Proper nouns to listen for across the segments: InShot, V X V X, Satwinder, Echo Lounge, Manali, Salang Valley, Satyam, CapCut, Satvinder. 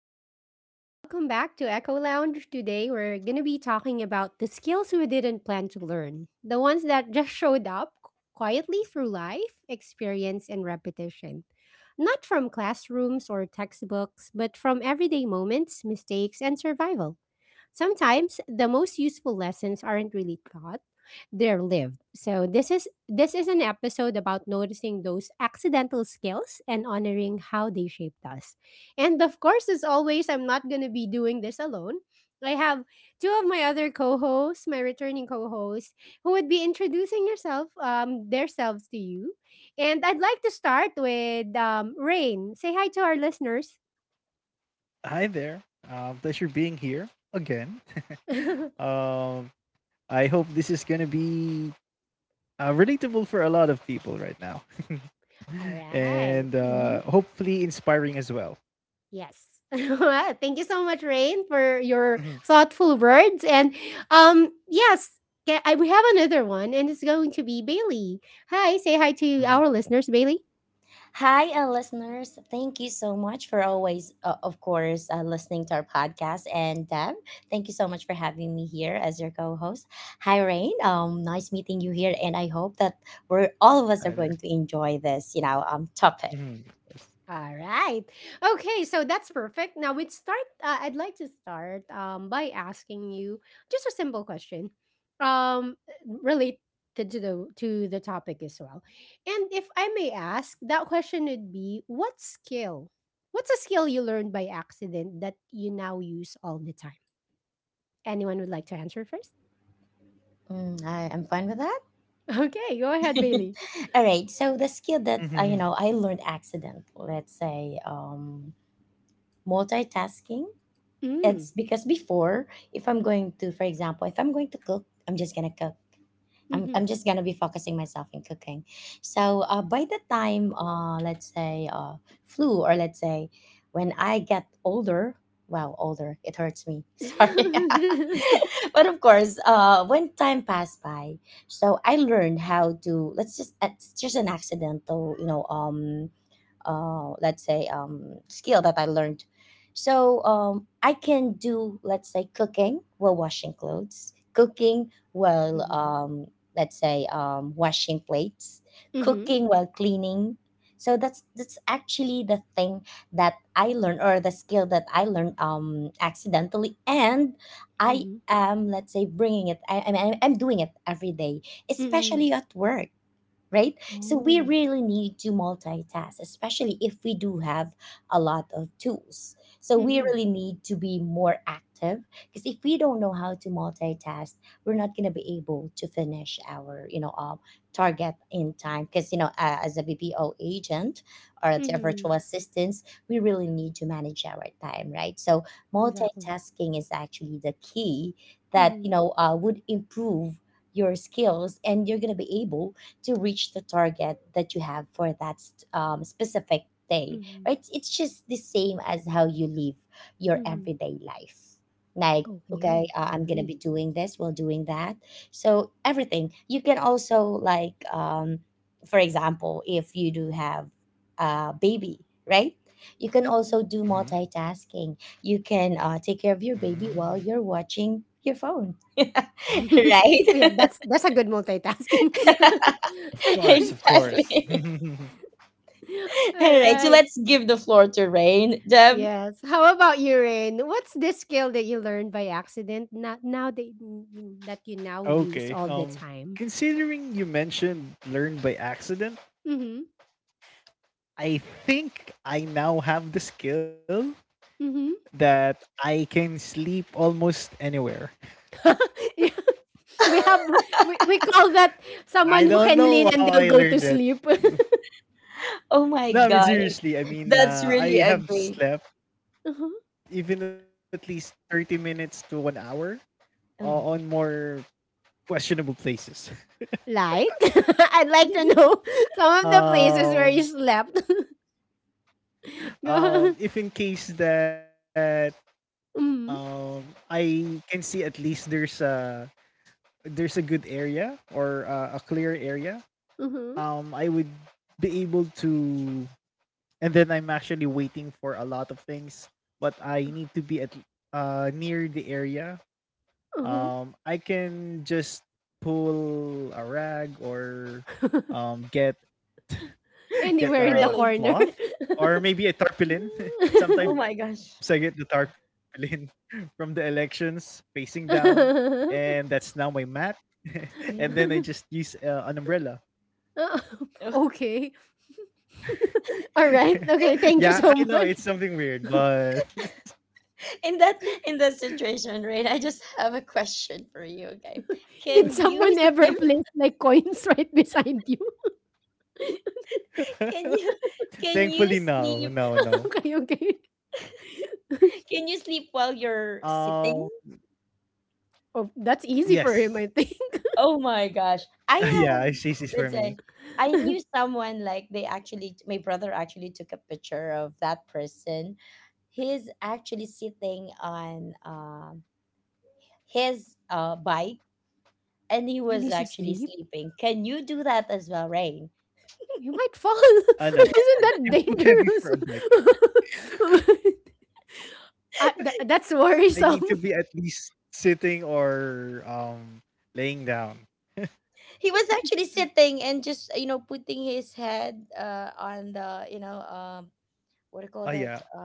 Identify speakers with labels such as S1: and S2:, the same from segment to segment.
S1: good afternoon. Welcome back to Echo Lounge. Today we're going to be talking about the skills we didn't plan to learn, the ones that just showed up quietly through life, experience, and repetition. Not from classrooms or textbooks, but from everyday moments, mistakes, and survival. Sometimes the most useful lessons aren't really taught, they're lived. So this is an episode about noticing those accidental skills and honoring how they shaped us. And of course, as always, I'm not going to be doing this alone. I have two of my other co-hosts, my returning co-hosts, who would be introducing yourself their selves to you. And I'd like to start with Rain. Say hi to our listeners.
S2: Hi there. Pleasure being here again.
S1: All
S2: um, I hope this is going to be relatable for a lot of people right now
S1: right.
S2: and hopefully inspiring as well.
S1: Yes. Well, thank you so much, Rain, for
S2: Mhm.
S1: your thoughtful words. And yes, I, we have another one, and it's going to be Bailey. Hi, say hi to
S2: Mhm.
S1: our listeners, Bailey.
S3: Hi, listeners. Thank you so much for always, listening to our podcast. And Deb, thank you so much for having me here as your co host. Hi, Rain. Nice meeting you here. And I hope that we're all of
S2: Hi
S3: us are
S2: there.
S3: going to enjoy this, topic.
S2: Mhm.
S1: All right. Okay, so that's perfect. Now we'd start. I'd like to start by asking you just a simple question, um, related to the topic as well. And if I may ask, that question would be: What skill? What's a skill you learned by accident that you now use all the time? Anyone would like to answer first?
S3: I'm fine with
S1: Okay, go ahead,
S3: that.
S1: Bailey.
S3: All right. So, the skill that,
S2: Mhm.
S3: I learned accident, let's say multitasking.
S1: Mm.
S3: It's because before, if I'm going to, for example, if I'm going to cook, I'm just gonna cook. I'm,
S1: Mm-hmm.
S3: I'm just gonna be focusing myself in cooking. So by the time, let's say, flu, or let's say, when I get older, wow, older, it hurts me. Sorry, but of course, when time passed by, so I learned how to. Let's just it's just an accidental, let's say skill that I learned. So I can do, let's say, cooking while washing clothes, cooking while,
S1: Mm-hmm.
S3: washing plates,
S1: Mm-hmm.
S3: cooking while cleaning. So that's actually the thing that I learned or the skill that I learned accidentally, and I
S1: Mm-hmm.
S3: am let's say bringing it. I mean, I'm doing it every day,
S1: Mm-hmm.
S3: especially at work, right? So we
S1: Oh.
S3: really need to multitask, especially if we do have a lot of tools. So we really need to be more active because if we don't know how to multitask, we're not going to be able to finish our, target in time. Because you know, as a BPO agent or as a
S1: Mhm,
S3: virtual assistants, we really need to manage our time, right? So
S1: exactly.
S3: multitasking is actually the key that
S1: Mhm,
S3: would improve your skills and you're going to be able to reach the target that you have for that specific day,
S1: mhm,
S3: right? It's just the same as how you live your
S1: mhm.
S3: everyday life, like, okay,
S1: Okay, I
S3: I'm gonna
S1: agree.
S3: be doing this while doing that. So everything you can also, like, for example, if you do have a baby, right, you can
S1: Mhm.
S3: also do
S2: Mhm.
S3: multitasking. You can take care of your baby
S2: Mhm.
S3: while you're watching your phone, right?
S1: Oh, yeah, that's a good multitasking.
S2: Of course, of course.
S3: Exactly. All right, so
S1: Alright.
S3: let's give the floor to Rain. Deb,
S1: Yes. How about you, Rain? What's this skill that you learned by accident? Not now that mm, that you now use all
S2: Okay.
S1: the time.
S2: Considering you mentioned learn by accident,
S1: Mhm.
S2: I think I now have the skill
S1: Mhm.
S2: that I can sleep almost anywhere.
S1: Yeah. We have we call that
S2: I
S1: someone who
S2: don't
S1: can
S2: know
S1: lean
S2: how
S1: and they'll
S2: I
S1: go to
S2: learned it.
S1: sleep.
S3: oh my
S2: No, I mean
S3: gosh,
S2: seriously. I mean,
S3: that's really
S2: I
S3: a
S2: have
S3: great.
S2: slept even at least 30 minutes to 1 hour uh, on
S3: Oh.
S2: more questionable places.
S1: Like, I'd like to know some of the places
S2: Um,
S1: where you slept. Go.
S2: if in case that
S1: Mm,
S2: I can see at least there's a good area, or a clear area,
S1: uh-huh,
S2: I would be able to, and then I'm actually waiting for a lot of things, but I need to be at near the area.
S1: uh-huh.
S2: I can just pull a rag, or get
S1: Anywhere in the
S3: Really?
S2: a
S1: corner.
S2: cloth, or maybe a tarpaulin.
S3: Oh my
S2: Sometimes I get
S3: gosh.
S2: the tarpaulin from the elections facing down, and that's now my mat. And then I just
S3: Mhm.
S2: use an umbrella.
S3: Oh,
S1: Okay. All right. Okay. Thank you
S2: Yeah, I
S1: so
S2: know it's
S1: much.
S2: something weird, but
S3: in that in that situation, Rain, I just have a question for you. Okay,
S1: Did
S3: can you
S1: someone ever
S3: sleep?
S1: place like coins right beside you?
S3: Can you
S2: thankfully no,
S3: sleep?
S2: no, no.
S1: Okay. Okay.
S3: Can you sleep while you're
S2: Um,
S3: sitting?
S1: Oh, that's
S2: Yes.
S1: easy for him, I think.
S3: Oh my gosh, I
S2: Yeah, I
S3: have.
S2: she's This for
S3: Let's
S2: me.
S3: say I
S1: And
S3: knew someone like they actually. My brother actually took a picture of that person. He's actually sitting on his bike and he was
S1: he's
S3: actually
S1: asleep.
S3: sleeping. Can you do that as well, Rain?
S1: You might fall.
S2: I know.
S1: Isn't that
S2: I'm too heavy for
S1: dangerous?
S2: a bike.
S1: I, that's
S2: I
S1: worrisome.
S2: need to be at least sitting or laying down.
S3: He was actually sitting and just you know putting his head on the what do you call that,
S2: Oh yeah.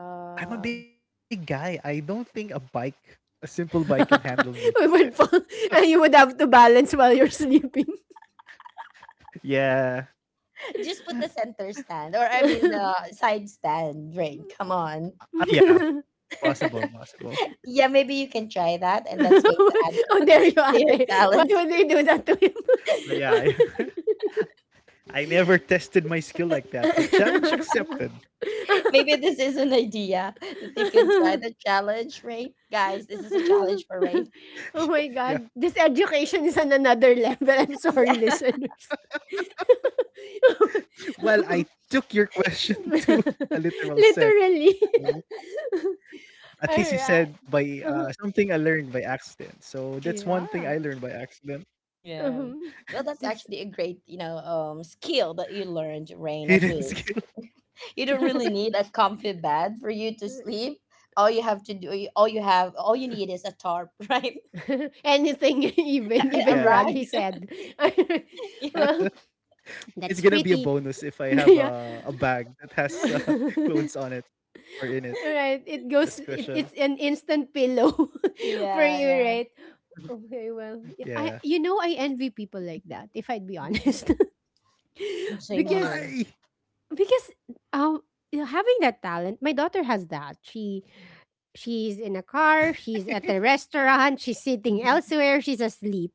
S2: I'm a big guy. I don't think a bike, a simple bike, can handle me.
S1: We would fall, and you would have to balance while you're sleeping.
S2: Yeah.
S3: just put the center stand or I mean
S1: Oh,
S3: the side stand, Rain. Come on,
S2: Ah, yeah, possible, possible.
S3: yeah, maybe you can try that and that's going to add
S1: there you
S3: to
S1: are.
S3: your
S1: Why
S3: talent.
S1: would they do that to
S2: Ah,
S1: him?
S2: yeah, yeah. I never tested my skill like that, but challenge accepted.
S3: Maybe this is an idea that you can try the challenge, right? Guys, this is a challenge for Rain.
S1: Oh
S2: Yeah.
S1: my god. This education is on another level. I'm sorry,
S3: Yeah.
S1: listeners.
S2: Well, I took your question to a literal sense.
S1: Literally.
S2: At least you said
S1: Alright.
S2: by,
S1: uh
S2: something I learned by accident. So that's one thing
S1: Yeah.
S2: I learned by accident.
S3: Yeah.
S1: Mhm.
S3: Well, that's
S1: This
S3: actually a great, skill that you learned, Rain, at least.
S2: Hidden skill.
S3: You don't really need a comfy bed for you to sleep. All you have to do, all you have, all you need is a tarp, right?
S1: anything even
S3: A
S1: even
S2: Yeah.
S1: rag
S3: rag.
S1: said.
S3: Yeah.
S1: Well,
S2: It's
S1: that's
S2: gonna be a
S1: pretty.
S2: bonus if I have
S1: Yeah.
S2: a bag that has, clothes on it, or in it.
S1: Alright,
S2: This question.
S1: it's an instant pillow for
S3: Yeah,
S1: you,
S3: yeah.
S1: right? Okay, well, yeah,
S2: Yeah.
S1: I I envy people like that if I'd be
S3: Mhm.
S1: honest.
S3: Same
S1: because
S3: here.
S2: Why?
S1: because, um, you know, having that talent, my daughter has that. She's in a car, she's at a restaurant, she's sitting
S3: Mhm.
S1: elsewhere, she's asleep.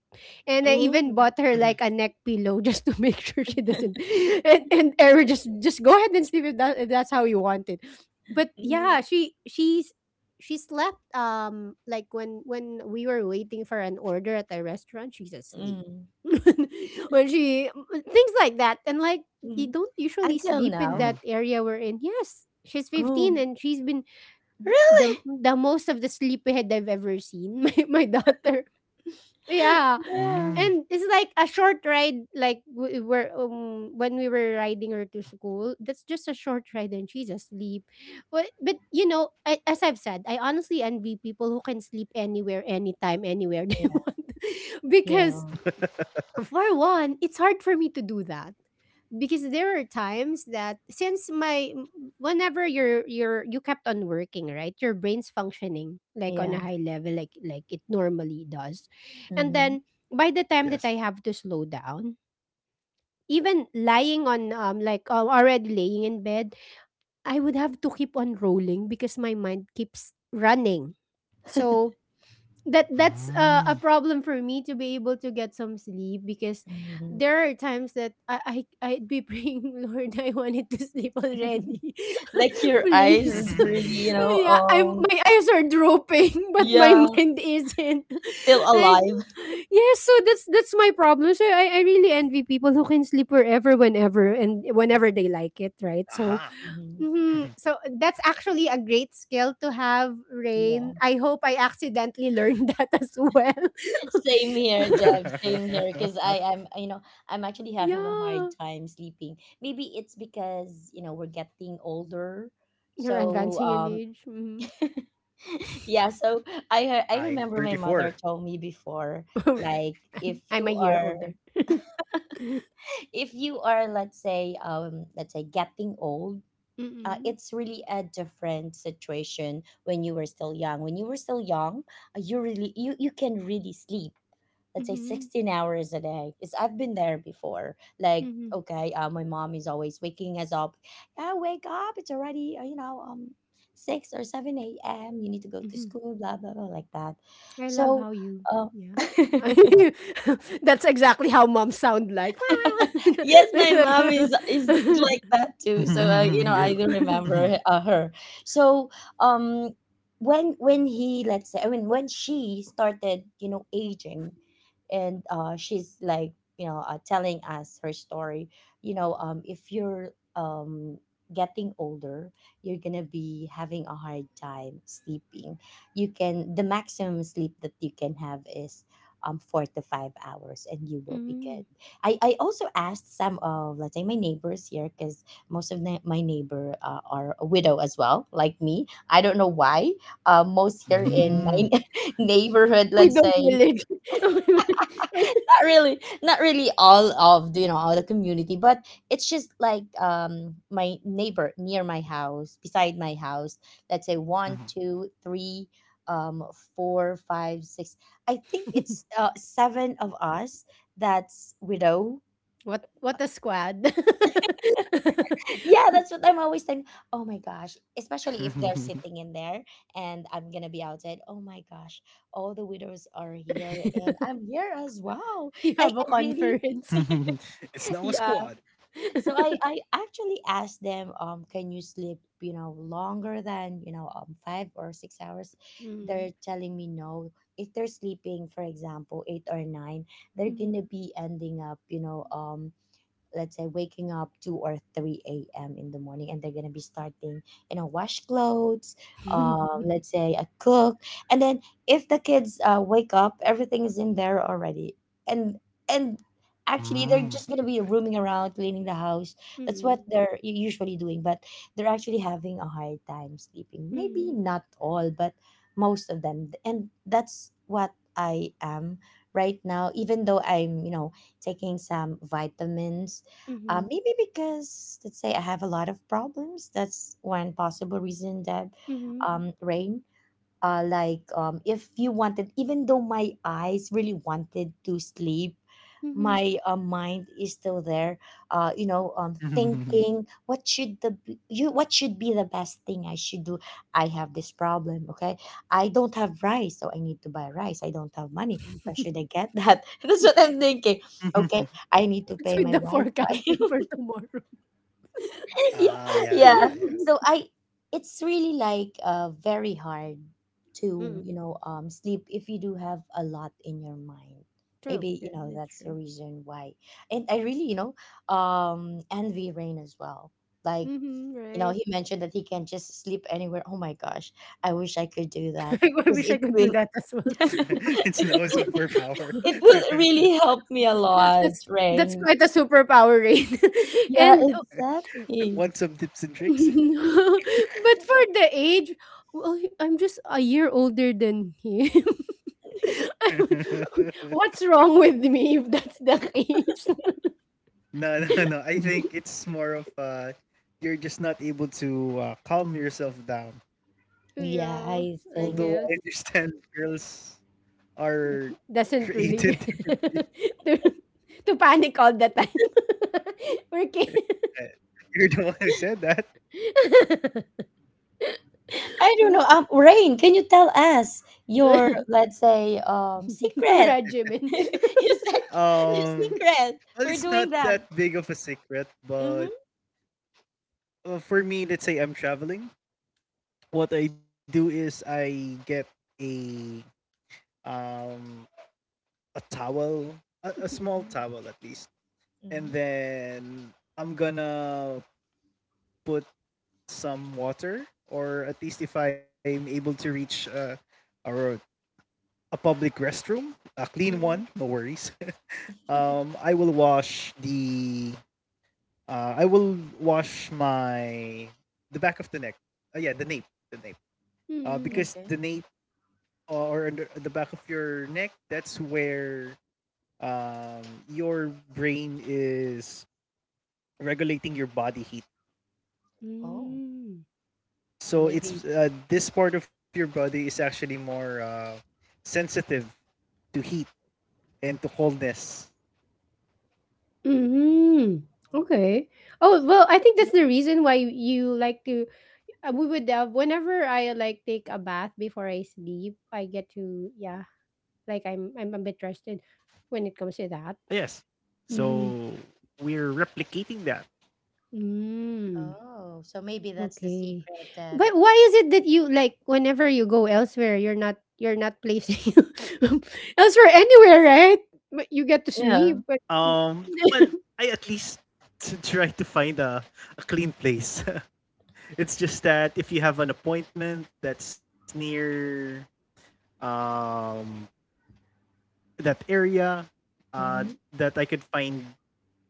S1: And I even
S3: Oh.
S1: bought her like
S2: Mhm.
S1: a neck pillow just to make sure she doesn't And Erin just go ahead and sleep if, that, if that's how you want it. But
S3: Mhm.
S1: yeah, she's she slept like when we were waiting for an order at the restaurant, she's asleep.
S3: Mhm.
S1: when she things like that and like you
S3: Mhm.
S1: don't usually
S3: Until
S1: sleep
S2: Mhm.
S1: in
S3: now.
S1: that area we're in. Yes, she's
S3: Oh.
S1: 15 and she's been
S3: Really?
S1: the most of the sleepyhead I've ever seen. My daughter.
S2: Mm.
S1: Yeah.
S3: Yeah.
S1: And it's like a short ride like we were when we were riding her to school. That's just a short ride and she's asleep. But you know, I, as I've said, I honestly envy people who can sleep anywhere, anytime, anywhere they
S3: Yeah.
S1: want.
S3: Yeah.
S1: Because for one, it's hard for me to do that because there are times that since my whenever you're you kept on working right your brain's functioning like on
S3: Yeah.
S1: a high level like it normally does and
S3: Mm-hmm.
S1: then by the
S2: Yes.
S1: time that I have to slow down even lying on like already laying in bed I would have to keep on rolling because my mind keeps running so that that's
S2: Mm.
S1: a problem for me to be able to get some sleep because
S3: Mm-hmm.
S1: there are times that I, I'd be praying Lord I wanted to sleep already
S3: Like your eyes
S1: please
S3: is really,
S1: yeah I'm my eyes are drooping but my
S3: yeah,
S1: mind isn't
S3: still
S1: like
S3: alive.
S1: yes so that's my problem so I really envy people who can sleep wherever whenever and whenever they like it right so
S2: Aha.
S3: Hmm.
S1: Mhm. So that's actually a great skill to have,
S3: Yeah.
S1: Rain. I hope I accidentally learned that as well.
S3: Same here, Deb. Same here. Because I am, you know, I'm actually having a hard
S1: Yeah.
S3: time sleeping. Maybe it's because, you know, we're getting older.
S1: You're
S3: So,
S1: advancing in age. Mhm.
S3: yeah, so
S2: I'm
S3: I
S2: 34.
S3: remember my mother told me before, like, if
S1: I'm a
S3: you
S1: year
S3: are
S1: older.
S3: if you are let's say getting old.
S1: Mm-mm.
S3: It's really a different situation when you were still young. You really you can really sleep let's say
S1: Mm-hmm.
S3: 16 hours a day, because I've been there before. Like,
S1: Mm-hmm.
S3: okay, my mom is always waking us up, yeah, wake up, it's already 6 or 7 a.m, you need to go to
S1: Mm-hmm.
S3: school, blah blah blah, like that.
S1: I love
S3: So
S1: how you,
S3: uh,
S1: yeah. That's exactly how moms sound like.
S3: yes, my mom is like that too. So
S2: Mhm.
S3: you know, I do
S2: Mhm.
S3: remember
S2: Mhm.
S3: her. So um when he let's say I mean when she started, you know, aging, and she's like, you know, telling us her story. You know, if you're getting older, you're gonna be having a hard time sleeping. You can the maximum sleep that you can have is 4 to 5 hours, and you will be good.
S1: Mm.
S3: I also asked some of let's say my neighbors here, because most of my neighbor are a widow as well like me. I don't know why. Most here in my
S2: Mhm.
S3: neighborhood,
S1: With
S3: let's
S1: the
S3: say,
S1: village.
S3: not really all of the, you know, all the community, but it's just like my neighbor near my house beside my house, let's say, one
S2: Mm.
S3: two three um 4 5 6, I think it's seven of us that's widow.
S1: What a squad.
S3: Yeah, that's what I'm always saying. Oh my gosh, especially if they're
S2: Mhm.
S3: sitting in there and I'm gonna be outside, oh my gosh, all the widows are here and I'm here as well.
S1: You have a
S3: I really
S1: conference.
S2: It's now a
S3: yeah,
S2: squad.
S3: so I actually asked them, can you sleep, you know, longer than, you know, 5 or 6 hours.
S1: Mm,
S3: They're telling me no. If they're sleeping for example 8 or 9, they're gonna
S1: mhm.
S3: be ending up, you know, let's say waking up 2 or 3 a.m in the morning, and they're gonna be starting, you know, wash clothes, let's say a cook, and then if the kids wake up, everything is in there already. And and actually they're
S2: Mm.
S3: just gonna be roaming around cleaning the house. That's what
S1: Mm,
S3: they're usually doing, but they're actually having a hard time sleeping, maybe
S1: mhm,
S3: not all but most of them. And that's what I am right now, even though I'm, you know, taking some vitamins.
S1: mhm,
S3: Maybe because let's say I have a lot of problems. That's one possible reason that,
S1: mhm,
S3: Rain. Like, if you wanted, even though my eyes really wanted to sleep,
S1: mhm.
S3: my mind is still there. You know, thinking what should the b- you what should be the best thing I should do. I have this problem. Okay, I don't have rice, so I need to buy rice. I don't have money. Where should I get that? That's what I'm thinking. Okay, I need to
S1: What's
S3: pay
S1: with
S3: my
S1: the
S3: Wi-Fi.
S1: forecasting for tomorrow?
S3: Yeah,
S2: Ah, yeah,
S3: yeah.
S2: yeah, yeah.
S3: So I, it's really like very hard to,
S1: Mm.
S3: you know, sleep if you do have a lot in your mind.
S1: True.
S3: Maybe
S1: Yeah,
S3: you know
S1: that's
S3: that's the
S1: true.
S3: reason why. And I really, you know, envy Rain as well. Like,
S1: Mhm,
S3: you know,
S1: right.
S3: he mentioned that he can just sleep anywhere. Oh my gosh, I wish I could do that.
S1: I
S3: Because
S1: wish I
S3: it
S1: could do
S3: will
S1: that as well.
S2: It's now a superpower.
S3: it will really help me a lot,
S1: That's that's
S3: Rain.
S1: quite a superpower, right?
S3: Yeah,
S1: and
S3: exactly.
S2: Want some tips and tricks?
S1: but for the age, well, I'm just a year older than him.
S2: No,
S1: What's wrong with me if that's the case?
S2: no, no. I think it's more of you're just not able to calm yourself down.
S3: Yeah,
S1: Yeah,
S3: I
S2: Although I
S1: I
S3: think
S2: understand
S1: guess
S2: girls are
S1: doesn't
S2: created
S1: really
S2: differently.
S1: to, to panic all the time. We're
S2: You're the one who said that.
S1: kidding.
S3: I don't know. Rain, can you tell us your, let's say, secret?
S1: Regimen.
S3: Your, your
S2: Um,
S3: secret
S2: well,
S3: for
S2: it's not
S3: doing that?
S2: that big of a secret, but
S3: Mm-hmm.
S2: for me, let's say I'm traveling, what I do is I get a um a towel, a small towel
S3: Mm-hmm.
S2: at least, and
S3: Mm-hmm.
S2: then I'm gonna put some water, or at least if I'm able to reach or a public restroom, a clean
S3: Mm-hmm.
S2: one, no worries. I will wash the I will wash my the back of the neck. Yeah, the nape, the nape.
S1: Mm.
S2: Because the
S3: Okay.
S2: nape or under the back of your neck, that's where um, your brain is regulating your body heat.
S3: Oh,
S1: Mm.
S2: So
S3: maybe.
S2: it's this part of your body is actually more sensitive to heat and to coldness.
S1: Mm. Okay. Oh, well, I think that's the reason why you you like to we would whenever I like take a bath before I sleep, I get to yeah, like I'm a bit rested when it comes to that.
S2: Yes.
S3: Mm-hmm.
S1: Mm-hmm.
S2: So we're replicating that.
S1: Mm.
S3: Oh, so maybe that's the
S1: Okay.
S3: secret.
S1: But why is it that you like whenever you go elsewhere, you're not placing elsewhere anywhere, right? But you get to
S3: Yeah.
S1: sleep, but
S2: Um well, I at least try to find a clean place. It's just that if you have an appointment that's near um that area, uh,
S3: Mm-hmm.
S2: that I could find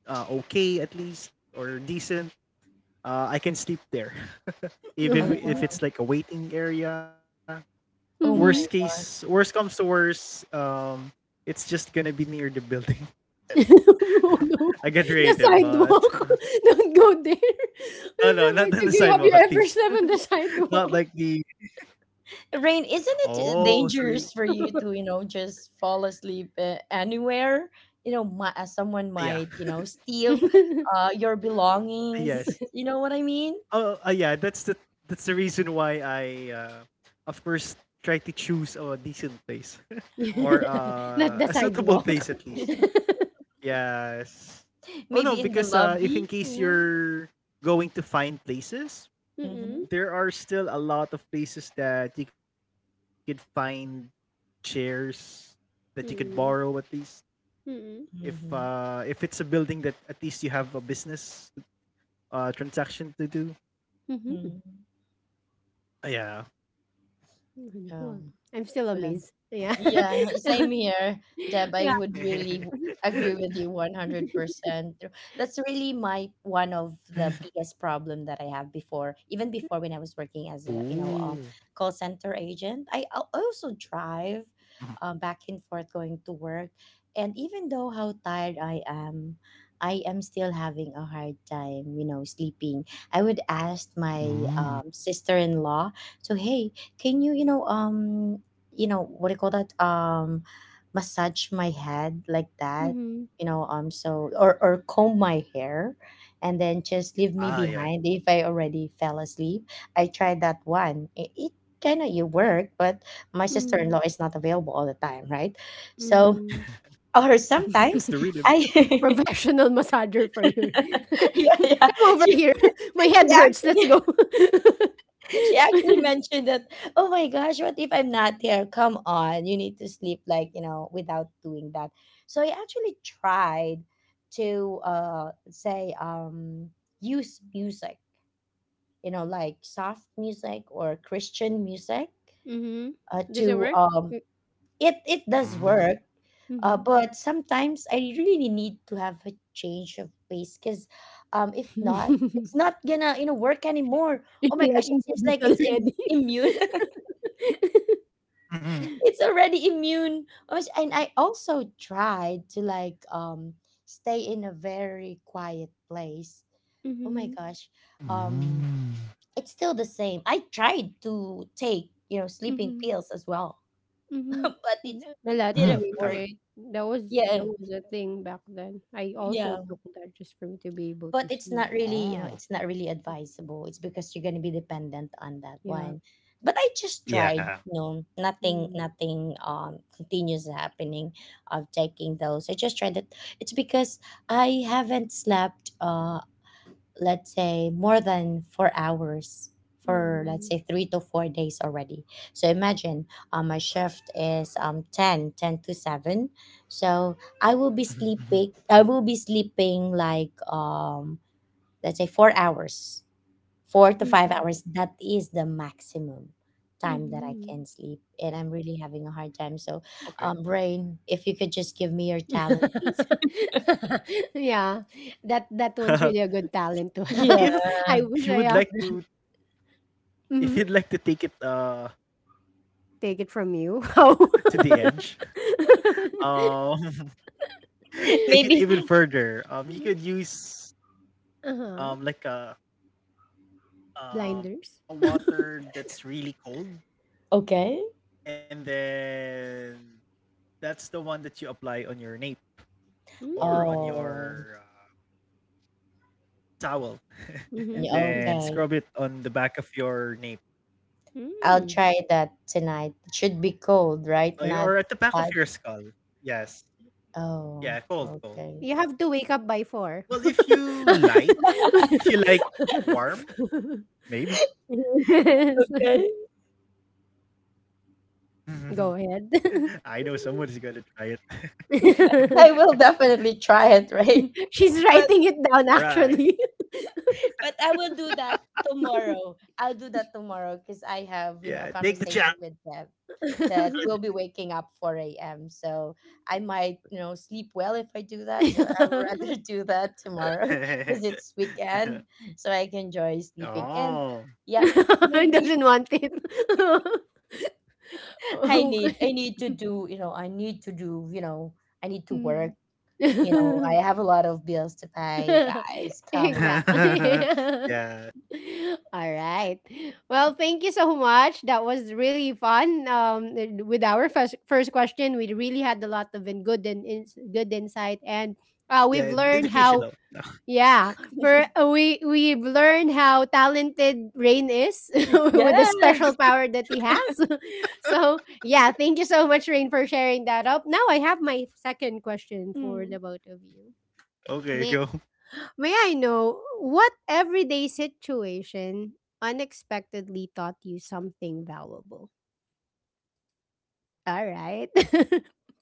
S2: okay at least, or decent, I can sleep there.
S3: Oh,
S2: Even
S3: wow.
S2: if it's like a waiting area. Worst
S3: Oh my.
S1: Mhm.
S2: case, worst comes to worst, it's just gonna be near the building.
S1: Oh,
S2: I
S1: no.
S2: get
S1: The
S2: creative, but
S1: sidewalk. Don't go
S2: no, no,
S1: there.
S2: not on the
S1: Victor, you have
S2: sidewalk
S1: you
S2: at
S1: ever
S2: least.
S1: slept on the
S2: Not
S1: sidewalk?
S2: like the
S3: Rain, isn't
S2: oh,
S3: it
S2: so you
S3: dangerous for you to, you know, just fall asleep anywhere? You know, someone
S2: yeah,
S3: might, you know, steal your belongings.
S2: yes.
S3: You know what I mean?
S2: Oh, yeah, that's the reason why I, of course, try to choose a decent place,
S3: Oh.
S2: or
S1: Not the
S2: a suitable
S1: sidewalk.
S2: place at least. Yes. Oh no,
S3: Maybe in the
S2: because if in
S3: lobby, you
S2: case
S3: know?
S2: you're going to find places,
S3: Mm-hmm.
S1: Mm-mm.
S2: there are still a lot of places that you could find chairs that you could borrow at
S1: Mm-mm.
S2: least.
S1: Mm-mm.
S3: Mm-hmm.
S2: If it's a building that at least you have a business transaction to do.
S1: Mhm.
S3: Mm-hmm.
S2: Ah, yeah.
S1: Mhm. Well,
S3: Um,
S1: I'm still
S3: well,
S1: amazed. Yeah.
S3: Yeah, same here, Deb. I
S1: Yeah.
S3: would really
S1: Mhm.
S3: agree with you 100%. That's really my one of the biggest problem that I have before, even before when I was working as a,
S2: Ooh.
S3: you know, call center agent. Also drive back and forth going to work. And even though how tired I am still having a hard time, you know, sleeping. I would ask my
S2: Mm.
S3: sister-in-law to, hey, can you, you know, what do you call that, massage my head like that,
S1: Mhm.
S3: so or comb my hair, and then just leave me
S2: Ah yeah.
S3: behind if I already fell asleep. I tried that one. It kind of you work, but my
S1: Mhm.
S3: sister-in-law is not available all the time, right? So,
S1: Mhm.
S3: or sometimes
S2: It's the
S3: I
S2: rhythm.
S1: Professional massager for you.
S3: yeah, yeah,
S1: Come over
S3: she,
S1: here. My
S3: she
S1: head hurts. Let's
S3: actually
S1: go.
S3: she actually mentioned that, oh my gosh, what if I'm not here? Come on, you need to sleep, like, you know, without doing that. So I actually tried to say, use music, you know, like soft music or Christian music,
S1: Mm-hmm. Does it
S3: to
S1: work?
S3: It does work.
S2: Mm.
S1: Mm-hmm.
S3: But sometimes I really need to have a change of pace because, if not, it's not gonna, work anymore. Oh my
S1: You're
S3: gosh,
S1: liking
S3: it
S1: the
S3: seems
S1: beat
S3: like it's
S1: already.
S3: immune. It's already immune. And I also tried to, like, stay in a very quiet place. Oh my
S1: Mm-hmm.
S3: gosh, um
S2: Mm.
S3: it's still the same. I tried to take, you know, sleeping
S1: Mm-hmm.
S3: pills as well.
S1: Mm-hmm.
S3: But it
S2: Mhm.
S3: didn't
S1: Melatonin,
S2: With
S3: work.
S2: heaven.
S1: right?
S3: Yeah,
S1: That was a thing back then. I also
S3: yeah,
S1: took that just for me to be able
S3: but
S1: to
S3: it's not
S1: sleep.
S3: really, you know, it's not
S2: Oh.
S3: really advisable. It's because you're going to be dependent on that
S1: Yeah.
S3: one. But I just tried, you
S2: Yeah.
S3: know. nothing
S1: Mm-hmm.
S3: nothing um continues happening of taking those. I just tried it. It's because I haven't slept, let's say, more than 4 hours for, let's
S1: Mm-hmm.
S3: say, 3 to 4 days already. So imagine, my shift is ten to 7. So I will be sleeping.
S2: Mhm. Mhm.
S3: Like, let's say, 4 hours, four to five
S1: Mm-hmm.
S3: hours. That is the maximum time that I
S1: Mm-hmm.
S3: can sleep. And I'm really having a hard time. So,
S2: Okay.
S3: Rain, if you could just give me your talent, please.
S1: Yeah, that that one's really a good talent to
S3: Yeah.
S1: have. I wish
S2: If
S1: I have.
S2: you would like to
S1: Hmm.
S2: if you'd like to take it
S1: Take it from you.
S2: to the
S1: How?
S2: edge, um take it even
S3: Maybe.
S2: further. You could use um
S1: Uh-huh.
S2: like a um
S1: Blinders.
S2: a water that's really cold,
S3: Okay.
S2: and then that's the one that you apply on your nape,
S1: Mm.
S2: or on
S3: Oh,
S2: your towel.
S1: Mm-hmm.
S3: okay.
S2: Then scrub it on the back of your nape.
S3: I'll
S1: Mm.
S3: try that tonight. It should be cold, right?
S2: Ay,
S3: Not
S2: or at the back
S3: hot.
S2: of your skull. Yes.
S3: Oh,
S2: Yeah, cold, cold.
S3: okay.
S1: You have to wake up by four.
S2: Well, if you like, if you like warm, maybe.
S1: Yes.
S3: Okay.
S1: Go ahead.
S2: I know someone's gonna try it.
S3: I will definitely try it, right?
S1: She's
S3: But
S1: writing it down
S2: All
S1: actually.
S2: right.
S3: I will do that tomorrow. I'll do that tomorrow because I have, you know, a conversation
S2: Yeah,
S3: with
S2: take the
S3: Deb
S2: challenge.
S3: that we'll be waking up 4 a.m. So I might, you know, sleep well if I do that. So I'll rather do that tomorrow because it's weekend. So I can enjoy sleeping. And yeah,
S2: Oh.
S1: He
S3: maybe
S1: doesn't want it.
S3: I need
S1: Okay.
S3: I need to do, you know, I need to do, you know, I need to work.
S1: Mm.
S3: You know, I have a lot of bills to pay, guys. Come
S1: Exactly.
S2: Yeah.
S1: Alright. Well, thank you so much. That was really fun. With our first question, we really had a lot of in good and ins good insight, and we've
S2: Yeah,
S1: learned
S2: and
S1: how
S2: educational.
S1: Yeah, for we've learned how talented Rain is with the special
S3: Yes.
S1: power that he has. So yeah, thank you so much, Rain, for sharing that up. Now I have my second question for
S3: Mm.
S1: the both of you.
S2: Okay,
S1: May
S2: go.
S1: may I know what everyday situation unexpectedly taught you something valuable? All right.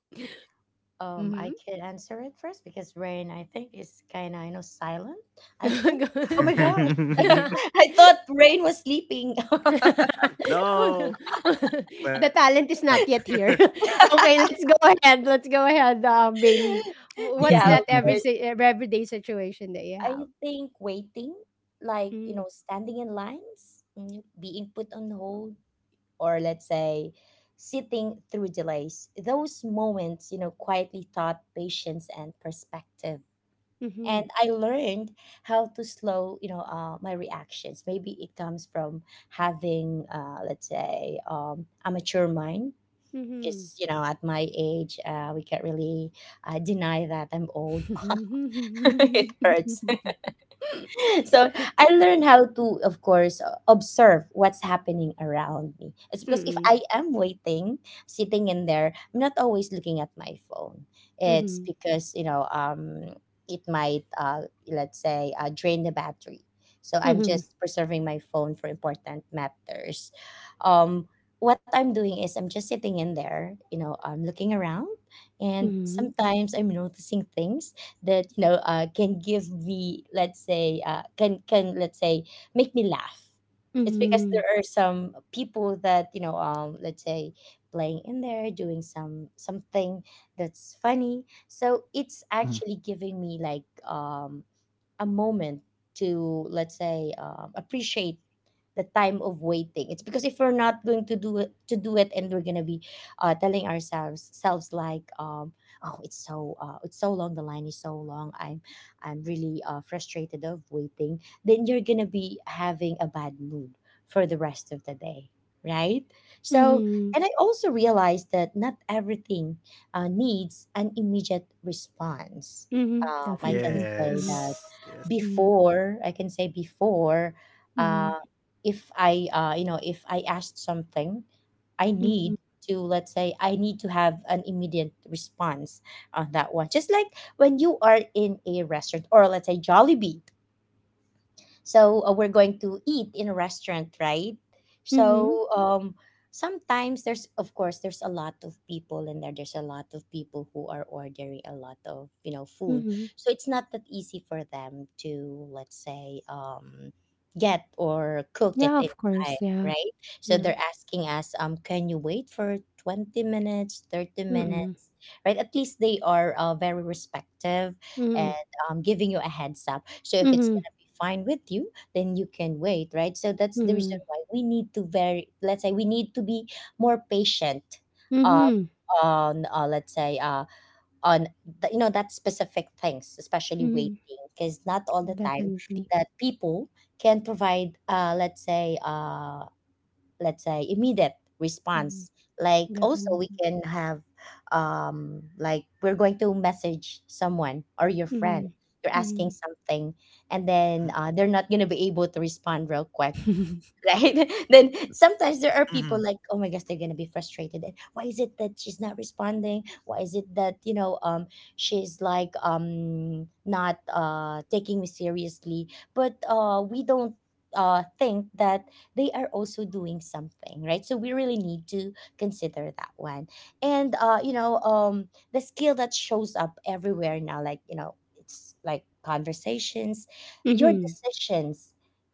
S1: Mm-hmm.
S3: I could answer it first because Rain, I think, is kind of, you know, silent. I think. Oh my gosh. I thought Rain was sleeping.
S1: Oh, no.
S2: No.
S1: The
S2: Well.
S1: talent is not yet here. Okay, let's go ahead. Let's go ahead, Bailey. What's
S3: Yeah,
S1: that
S3: okay.
S1: everyday situation that you
S3: I
S1: have?
S3: think waiting, like, you know,
S1: Mm,
S3: standing in lines, being put on hold, or let's say, sitting through delays, those moments, you know, quietly taught patience and perspective.
S1: mhm,
S3: And I learned how to slow, you know, my reactions. Maybe it comes from having, let's say, a mature mind.
S1: mhm.
S3: Because, you know, at my age, we can't really deny that I'm old. It hurts. So I learned how to, of course, observe what's happening around me. It's because if
S1: Mm,
S3: I am waiting, sitting in there, I'm not always looking at my phone. It's
S1: mhm,
S3: because, you know, it might, let's say, drain the battery. So I'm
S1: mhm,
S3: just preserving my phone for important matters. Um, what I'm doing is I'm just sitting in there, you know, I'm looking around, and
S1: mhm,
S3: sometimes I'm noticing things that, you know, can give me, let's say, can, let's say, make me laugh. It's because
S1: mhm,
S3: there are some people that, you know, let's say, playing in there, doing something that's funny, so it's actually giving me, like, a moment to, let's say, appreciate the time of waiting. It's because if we're not going to do it to do it, and we're gonna be, telling ourselves selves, like, oh, it's so long, the line is so long, I'm really, frustrated of waiting, then you're gonna be having a bad mood for the rest of the day, right? So,
S1: mhm,
S3: and I also realized that not everything needs an immediate response.
S1: mhm.
S3: I can
S1: Definitely.
S3: say
S1: Mhm,
S2: Yes.
S3: that
S2: Yes.
S1: mhm,
S3: before, I can say before,
S1: mhm,
S3: um, if I, you know, if I asked something, I
S1: mhm,
S3: need to, let's say, I need to have an immediate response on that one. Just like when you are in a restaurant, or let's say, Jollibee, so, we're going to eat in a restaurant, right?
S1: mhm,
S3: So, sometimes there's, of course, there's a lot of people in there, there's a lot of people who are ordering a lot of, you know, food.
S1: mhm.
S3: So it's not that easy for them to, let's say, get or cook it
S1: Yeah,
S3: in
S1: of course.
S3: time,
S1: Yeah.
S3: right? So
S1: Yeah.
S3: they're asking us, can you wait for 20 minutes, 30
S1: Mm-mm.
S3: minutes? Right, at least they are very respective,
S1: Mm-mm.
S3: and, giving you a heads up, so if it's fine with you, then you can wait, right? So that's the reason
S1: Mm-mm.
S3: why we need to very let's say, we need to be more patient, uh,
S1: Mhm,
S3: on, let's say on the, you know, that specific things, especially
S1: mhm.
S3: waiting, because not all the time
S1: Definitely.
S3: that people can provide, let's say, let's say, immediate
S1: Mhm,
S3: response. Like, also we
S1: definitely.
S3: can have, um like, we're going to message someone or your friend,
S1: Mhm,
S3: you're asking
S1: mhm.
S3: something, and then, they're not going to be able to respond real quick, right? Then sometimes there are people
S2: Mhm.
S3: like, oh my gosh, they're gonna be frustrated. And why is it that she's not responding? Why is it that, you know, she's, like, not taking me seriously? But, we don't think that they are also doing something, right? So we really need to consider that one. And, you know, the skill that shows up everywhere now, like, you know, it's like conversations, your
S1: Mm-hmm.
S3: decisions,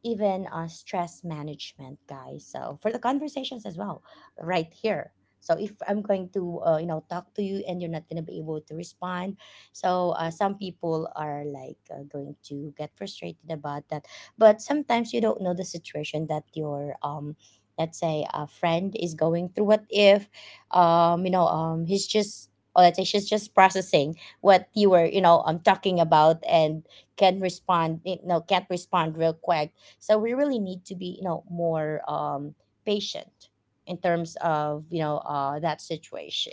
S3: even, stress management, guys. So for the conversations as well, right here. So if I'm going to, you know, talk to you and you're not gonna be able to respond, so, some people are, like, going to get frustrated about that. But sometimes you don't know the situation that your, let's say, a friend is going through. What if, you know, he's just, or let's say, she's just processing what you were, you know, talking about, and can't respond real quick. So we really need to be, you know, more, patient in terms of, you know, that situation.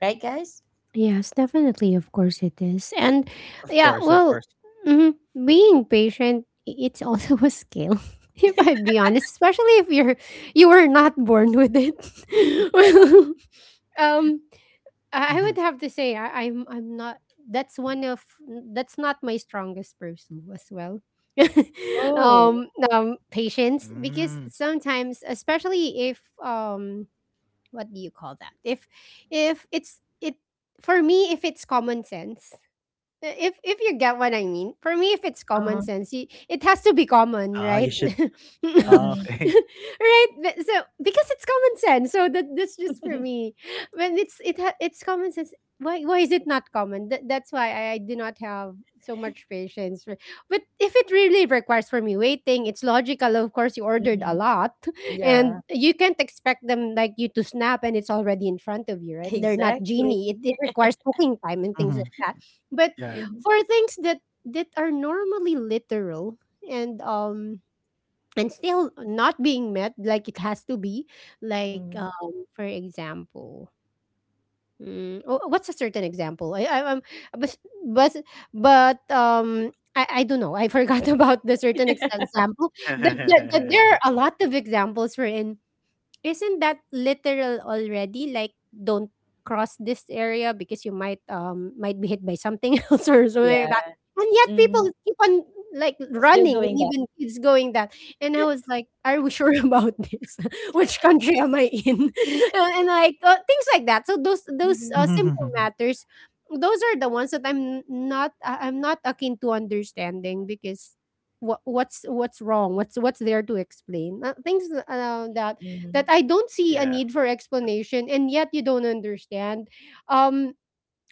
S3: Right, guys?
S1: Yes, definitely. Of course, it is. And
S2: Of course,
S1: yeah,
S2: of course.
S1: well, mhm, being patient, it's also a skill. If I'd be honest, especially if you're you were not born with it. Well, um,
S2: Mhm.
S1: I would have to say I, I'm not that's one of that's not my strongest pursuit as well.
S3: Oh.
S1: Patience because
S2: Mm.
S1: sometimes especially if what do you call that? If it's it for me if it's common sense if you get what I mean, for me, if it's common
S3: Uh-huh.
S1: sense, it has to be common,
S2: Ah, you
S1: right?
S2: should
S1: Right.
S2: ah,
S3: Hmm.
S2: okay.
S1: But- So because it's common sense, so that that's just for
S3: Hmm.
S1: me. When it's it's common sense. Why is it not common? That, that's why I do not have so much patience. For- But if it really requires for me waiting, it's logical. Of course, you ordered a lot, and
S3: Yeah,
S1: you can't expect them like you to snap and it's already in front of you, right? They're not
S3: exactly.
S1: genie. It
S2: Mhm.
S1: requires cooking time and
S2: Yeah.
S1: things like that. But
S3: Hmm.
S1: for things that that are normally literal and um and still not being met like it has to be like
S3: Hmm.
S1: for example oh, what's a certain example I but but but I don't know. I forgot about the certain example. That there are a lot of examples wherein isn't that literal already? Like, don't cross this area because you might be hit by something else or something
S3: Yeah.
S1: like that. And yet people
S3: Hmm.
S1: keep on like
S3: Still
S1: running
S3: doing
S1: and
S3: that.
S1: even kids going that. And I was like, are we sure about this? Which country am I in? And like things like that. So those
S2: Mhm.
S3: Hmm.
S1: simple matters, those are the ones that I'm not akin to understanding because what's wrong? What's there to explain? Things that that
S3: Hmm.
S1: I don't see a
S2: Yeah.
S1: need for explanation and yet you don't understand. Um,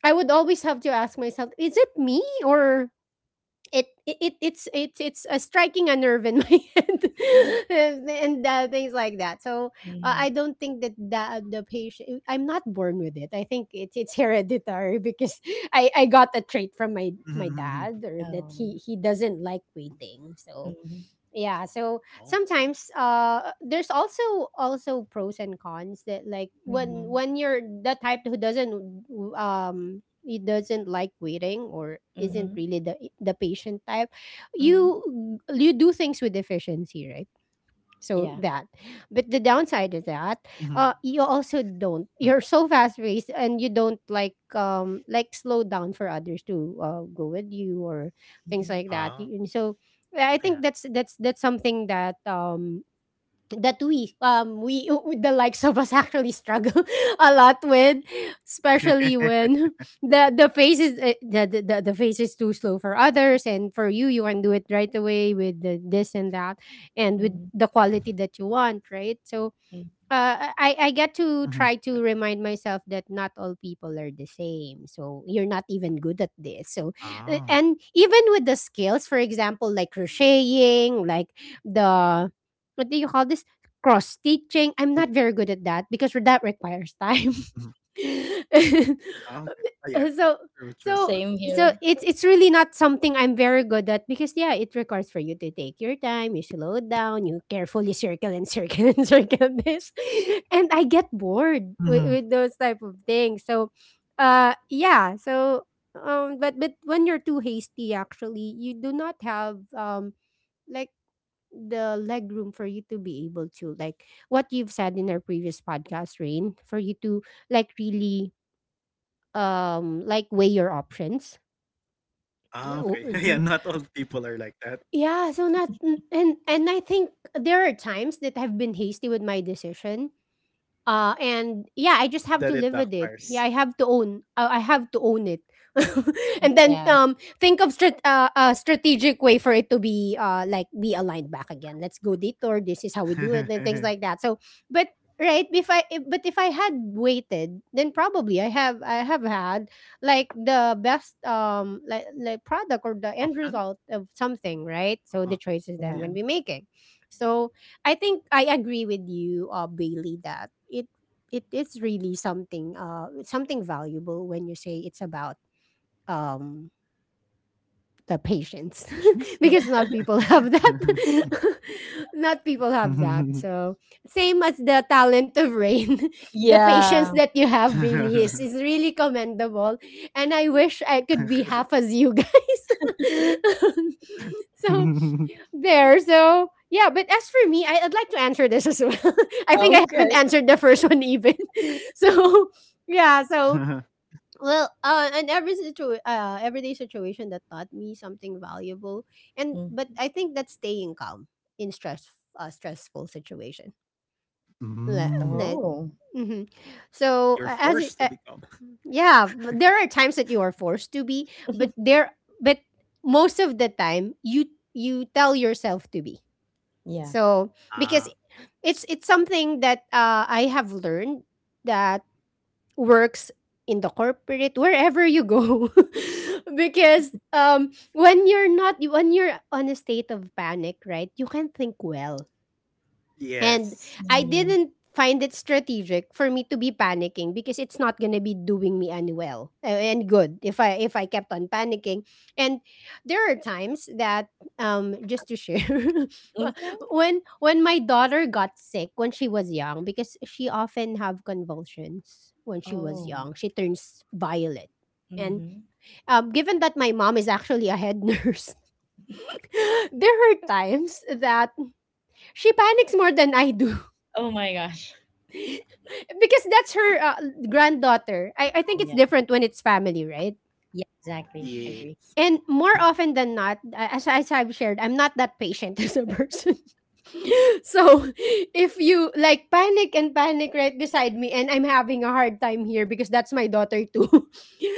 S1: I would always have to ask myself, is it me or it's a striking a nerve in my head things like that. So
S3: Hmm.
S1: I don't think that the patient I'm not born with it. I think it's hereditary because I got a trait from
S2: Mhm.
S1: my dad or that
S3: Oh.
S1: he doesn't like waiting. So
S3: Hmm.
S1: yeah, so
S2: Oh.
S1: sometimes there's also also pros and cons that like
S3: Hmm.
S1: when you're the type who doesn't he doesn't like waiting or isn't
S3: Hmm.
S1: really the patient type
S3: Hmm.
S1: you do things with efficiency, right? So
S3: Yeah.
S1: that, but the downside is that,
S2: Mhm.
S1: you also don't. You're so fast paced, and you don't like slow down for others to go with you or
S2: Ah.
S1: things
S3: Hmm.
S1: like that. And
S2: Yeah.
S1: so, I think that's something that that we the likes of us actually struggle a lot with, especially when the face is the face is too slow for others, and for you can do it right away with the this and that and with
S3: Hmm.
S1: the quality that you want, right? So
S3: Hmm.
S2: Mhm.
S1: I get to try to remind myself that not all people are the same. So you're not even good at
S2: Ah.
S1: this. So and even with the skills, for example, like crocheting, like the what do you call this, cross
S2: Cool.
S1: stitching? I'm not very good at that because that
S2: Mhm.
S1: requires time.
S2: Ah, okay. Ah yeah, yeah. True, true.
S1: so so
S3: Same
S1: so
S3: here.
S1: it's really not something I'm very good at because yeah, it requires for you to take your time, you slow down, you carefully circle and circle and circle this, and I get
S2: Mhm.
S1: bored with those type of things. So, yeah, so but when you're too hasty, actually, you do not have like the leg room for you to be able to, like what you've said in our previous podcast, Rain, for you to like really like weigh your options.
S2: Ah, okay. Yeah, not all people are like that,
S1: Yeah, so not and I think there are times that I've been hasty with my decision,
S2: that it
S1: and yeah, I
S2: backfires.
S1: just have to live with it. Yeah, I have to own. I have to own it, and then
S3: Yeah.
S1: think of a strategic way for it to be like be aligned back again. Let's go detour. This is how we do it, and things like that. So, but right, if I if, but if I had waited, then probably I have had like the best like product or the
S2: Option?
S1: end result of something, right?
S2: Ah,
S1: So the choices
S2: yeah.
S1: that I'm gonna
S3: Yeah.
S1: be making. So I think I agree with you, Bailey, that it is really something it's something valuable when you say it's about um the patience
S2: Patience?
S3: Yeah.
S1: because not people have that not people have that, so same as the talent of Rain. The patience
S3: Yeah.
S1: that you have, Bailey, is really commendable, and I wish I could be half as you guys. So there. So yeah, but as for me, I, I'd like to answer this as well. I think I
S3: Okay.
S1: haven't answered the first one even. So
S2: Mhm.
S1: yeah, so well, and every everyday situation that taught me something valuable, and
S3: Mm.
S1: but I think that's staying calm in stress, stressful situation. Le-
S2: Mm.
S1: le-
S3: Oh.
S1: mhm.
S2: You're forced to
S1: So
S2: become.
S1: yeah, but there are times that you are forced to be, but most of the time you tell yourself to be,
S3: Yeah.
S1: so
S2: Ah.
S1: because it's something that I have learned that works in the corporate wherever you go because when you're not, when you're on a state of panic, right, you can think well. And
S2: Yes.
S1: I
S3: Mm.
S1: didn't find it strategic for me to be panicking because it's not going to be doing me any well and good if I kept on panicking. And there are times that just to share
S3: Okay.
S1: when my daughter got sick when she was young, because she often have convulsions when she was
S3: Oh.
S1: young. She turns violet. And
S3: Mm-hmm.
S1: given that my mom is actually a head nurse, there are times that she panics more than I do,
S3: Oh my gosh.
S1: because that's her granddaughter. I think it's
S3: Yeah.
S1: different when it's family, right?
S3: Yeah. Exactly. Agree.
S2: Yes.
S1: And more often than not, as I've shared, I'm not that patient as a person. So if you like panic and panic right beside me, and I'm having a hard time here because that's my daughter too,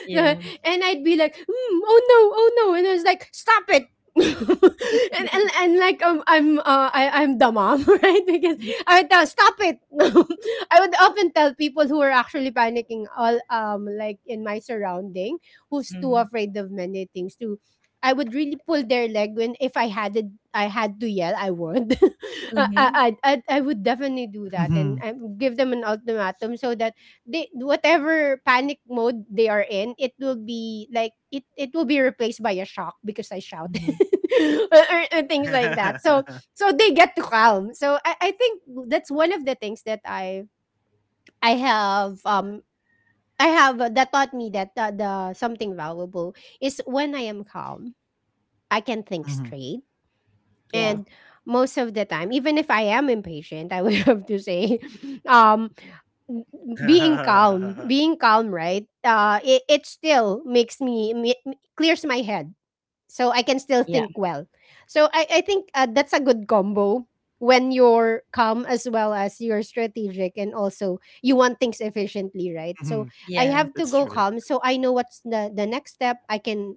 S3: Yeah.
S1: Na- and I'd be like, "Hmm, oh no, oh no," and I was like, stop it. And and like I'm the mom, right, because I would tell stop it. I would often tell people who are actually panicking, all like in my surrounding, who's too
S3: Mm-hmm.
S1: afraid of many things, to, I would really pull their leg. When if I had it, I had to yell, I would. I,
S3: Mm-hmm.
S1: I would definitely do that, and
S2: Mhm.
S1: I would give them an ultimatum so that they, whatever panic mode they are in, it will be like it will be replaced by a shock because I shout.
S3: Hmm.
S1: Or, or things like that. So so they get to calm. So I think that's one of the things that I have um I have that taught me that the something valuable is when I am calm, I can think
S2: Mhm.
S1: straight.
S3: Yeah.
S2: Yeah,
S1: And most of the time,
S2: yeah.
S1: even if I am impatient, I would have to say, um, n- being calm, right? It still makes me, clears my head. So I can still
S3: Yeah.
S1: think well. So I think that's a good combo when you're calm as well as you're strategic and also you want things
S2: Mhm.
S1: efficiently, right? So
S2: That's true,
S1: I
S2: that's
S3: Yeah.
S1: have to go calm so I know what's the next step. I can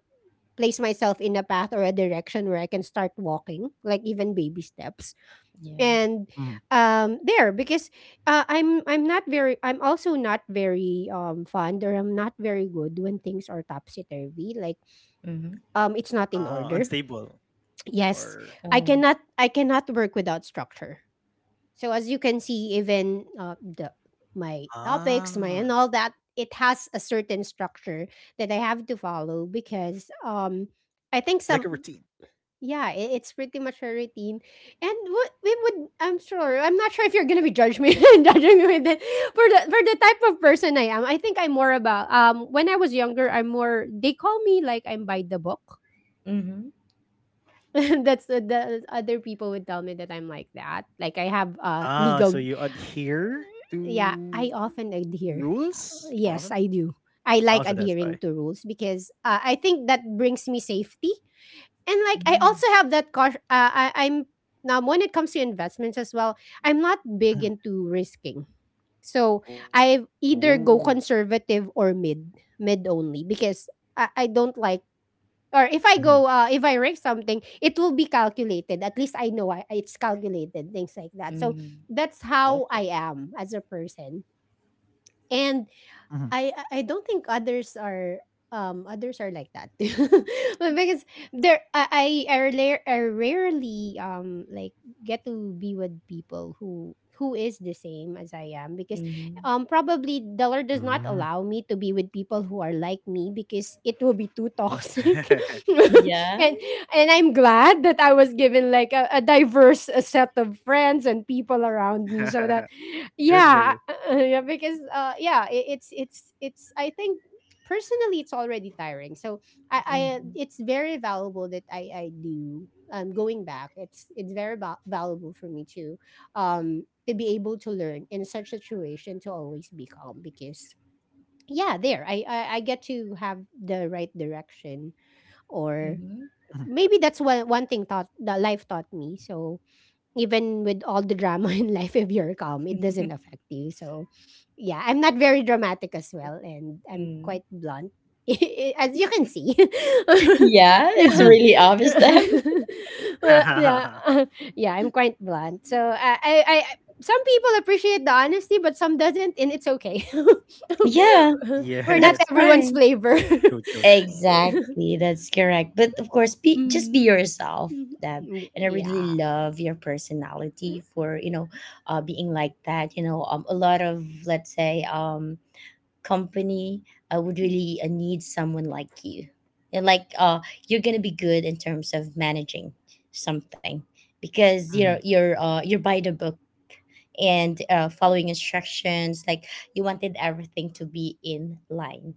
S1: place myself in a path or a direction where I can start walking, like even baby steps.
S3: Yeah.
S1: And
S2: mhm.
S1: because I'm not very, I'm also not very fond, or I'm not very good when things are topsy turvy. Like
S3: Mm-hmm.
S1: it's not in
S2: Ah,
S1: order.
S2: unstable,
S1: Yes,
S2: or
S3: Oh.
S1: I cannot work without structure. So as you can see, even the my
S2: ah,
S1: topics, my and all that, it has a certain structure that I have to follow because I
S2: like a
S1: think some
S2: routine.
S1: yeah, it's pretty much a routine. And what we would, I'm sure, I'm not sure if you're gonna be judging me judging me with it. For the type of person I am, I think I'm more about when I was younger, I'm more they call me like I'm by the book.
S3: Mm-hmm.
S1: That's the other people would tell me that I'm like that. Like I have
S2: Ah, so
S1: legal
S2: you adhere to
S1: yeah, I often
S2: rules more
S1: adhere.
S2: often?
S1: Yes, I
S2: Oh,
S1: do.
S2: so that's
S1: I
S2: why.
S1: like adhering to rules because I think that brings me safety, and like I
S3: Mm-hmm.
S1: also have that caution. I'm now when it comes to investments as well. I'm not
S2: Mhm.
S1: big into risking, so I
S2: Ooh.
S1: either go conservative or mid, mid only because I don't like. Or if I
S2: Mhm.
S1: go, if I risk something, it will be calculated. At least I know it's calculated, things like that. So that's how
S2: Okay.
S1: I am as a person. And I don't think others are like that. But because there I, rare, I rarely like get to be with people who is the same as I am because
S3: Mm-hmm.
S2: Mhm.
S1: probably
S2: Mm.
S1: the Lord does not allow me to be with people who are like me because it will be too toxic.
S3: Yeah.
S1: and and I'm glad that I was given like a diverse set of friends and people around me so that
S2: Good for
S1: yeah
S2: you.
S1: yeah because yeah it, it's I think personally it's already tiring so I
S3: Mm-hmm.
S1: it's very valuable that I do going back it's valuable for me to be able to learn in such situation to always be calm because yeah I get to have the right direction or
S3: Mm-hmm.
S1: maybe that's one thing taught that life taught me so even with all the drama in life, if you're calm, it doesn't affect you. So, yeah, I'm not very dramatic as well, and I'm
S3: Mm.
S1: quite blunt, as you can see.
S3: Yeah.
S2: Mhm.
S3: It's
S1: yeah,
S3: really obvious then.
S1: well, yeah, yeah. I'm quite blunt. So some people appreciate the honesty, but some doesn't, and it's okay.
S3: Yeah.
S2: Yes,
S1: We're not
S3: That's
S1: everyone's
S3: fine.
S2: true,
S1: flavor.
S2: true.
S3: Exactly, that's correct. But of course, be
S1: Mm,
S3: yourself, Deb.
S1: mhm,
S3: And I really
S1: yeah.
S3: love your
S1: Mm-hmm.
S3: personality for, you know, being like that. You know, a lot of, let's say, company, I would really, need someone like you. And like, you're gonna be good in terms of managing something, because
S2: Mhm.
S3: you're by the book, and, following instructions. Like, you wanted everything to be in line.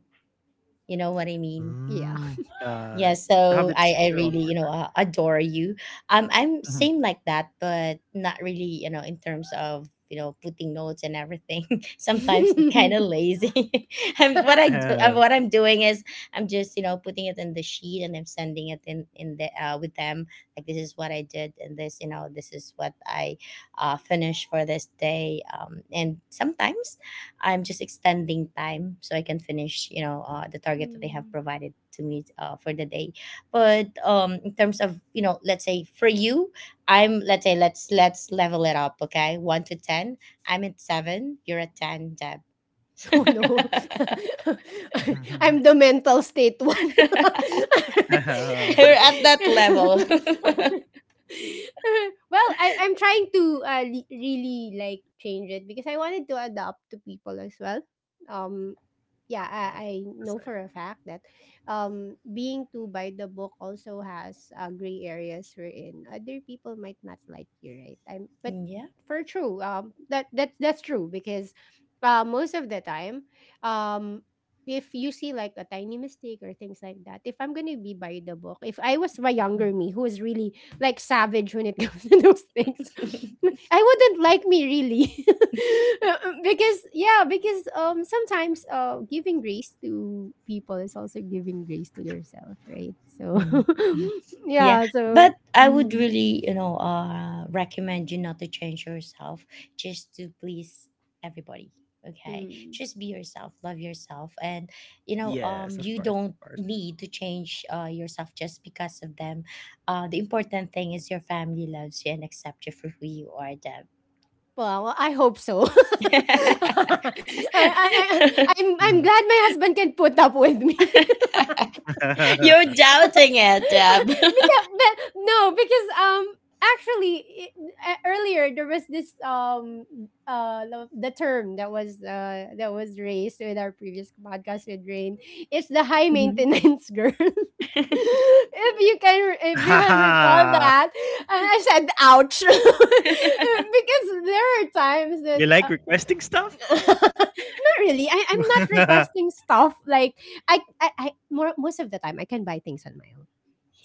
S3: You know what I mean?
S1: Yeah.
S2: Mm.
S3: Yeah,
S2: To
S3: so
S2: have
S3: I,
S2: its
S3: I
S2: their own
S3: really, you know,
S2: order.
S3: adore you. I'm
S2: Mhm.
S3: same like that, but not really, you know, in terms of, you know, putting notes and everything. Sometimes I'm kind of lazy. I'm, what I do, What I'm doing is I'm just, you know, putting it in the sheet, and I'm sending it in the with them. Like, this is what I did, and this, you know, this is what I, finished for this day. And sometimes I'm just extending time so I can finish, you know, the target that they have
S1: Mm.
S3: provided to me, for the day. But, in terms of, you know, let's say, for you, I'm, let's say, let's level it up, okay? 1 to 10. I'm at seven. You're at 10, Deb.
S1: Oh
S2: Mhm.
S1: no. I'm
S2: Mhm.
S1: the mental state one.
S3: You're at that level.
S1: Well, I'm trying to really like change it because I wanted to adapt to people as well. Um,
S2: Ah.
S1: yeah,
S2: That's
S1: I
S2: nice.
S1: know for a fact that being too by the book also has gray areas wherein other people might not like you, right? But
S3: Yeah.
S1: for true, that that's true because most of the time, um, if you see like a tiny mistake or things like that, if I'm gonna be by the book, if I was my younger me who was really like savage when it comes to those things, I wouldn't like me really. Because yeah, because sometimes giving grace to people is also giving grace to yourself, right? So
S3: Mm, mhm. Yeah,
S1: yeah, so
S3: but I would
S1: mm,
S3: really, you know, recommend you not to change yourself just to please everybody. Okay,
S1: mm.
S3: just be yourself, love yourself, and, you know,
S2: Yes, of
S3: you
S2: course,
S3: don't
S2: of course.
S3: need to change yourself just because of them. The important thing is your family loves you and accept you for who you are, Deb.
S1: Well, I hope so. I'm glad my husband can put up with me.
S3: You're doubting it,
S1: but,
S3: Deb.
S1: no, because actually, earlier there was this the term that was raised with our previous podcast with Rain. It's the high
S3: Mhm.
S1: maintenance girl.
S3: Yeah,
S1: If you can, if you can recall
S2: Mhm.
S1: that, and I said, "Ouch," because there are times that
S2: You like requesting stuff?
S1: not really. I'm not requesting stuff. Like I more, most of the time I can buy things on my own.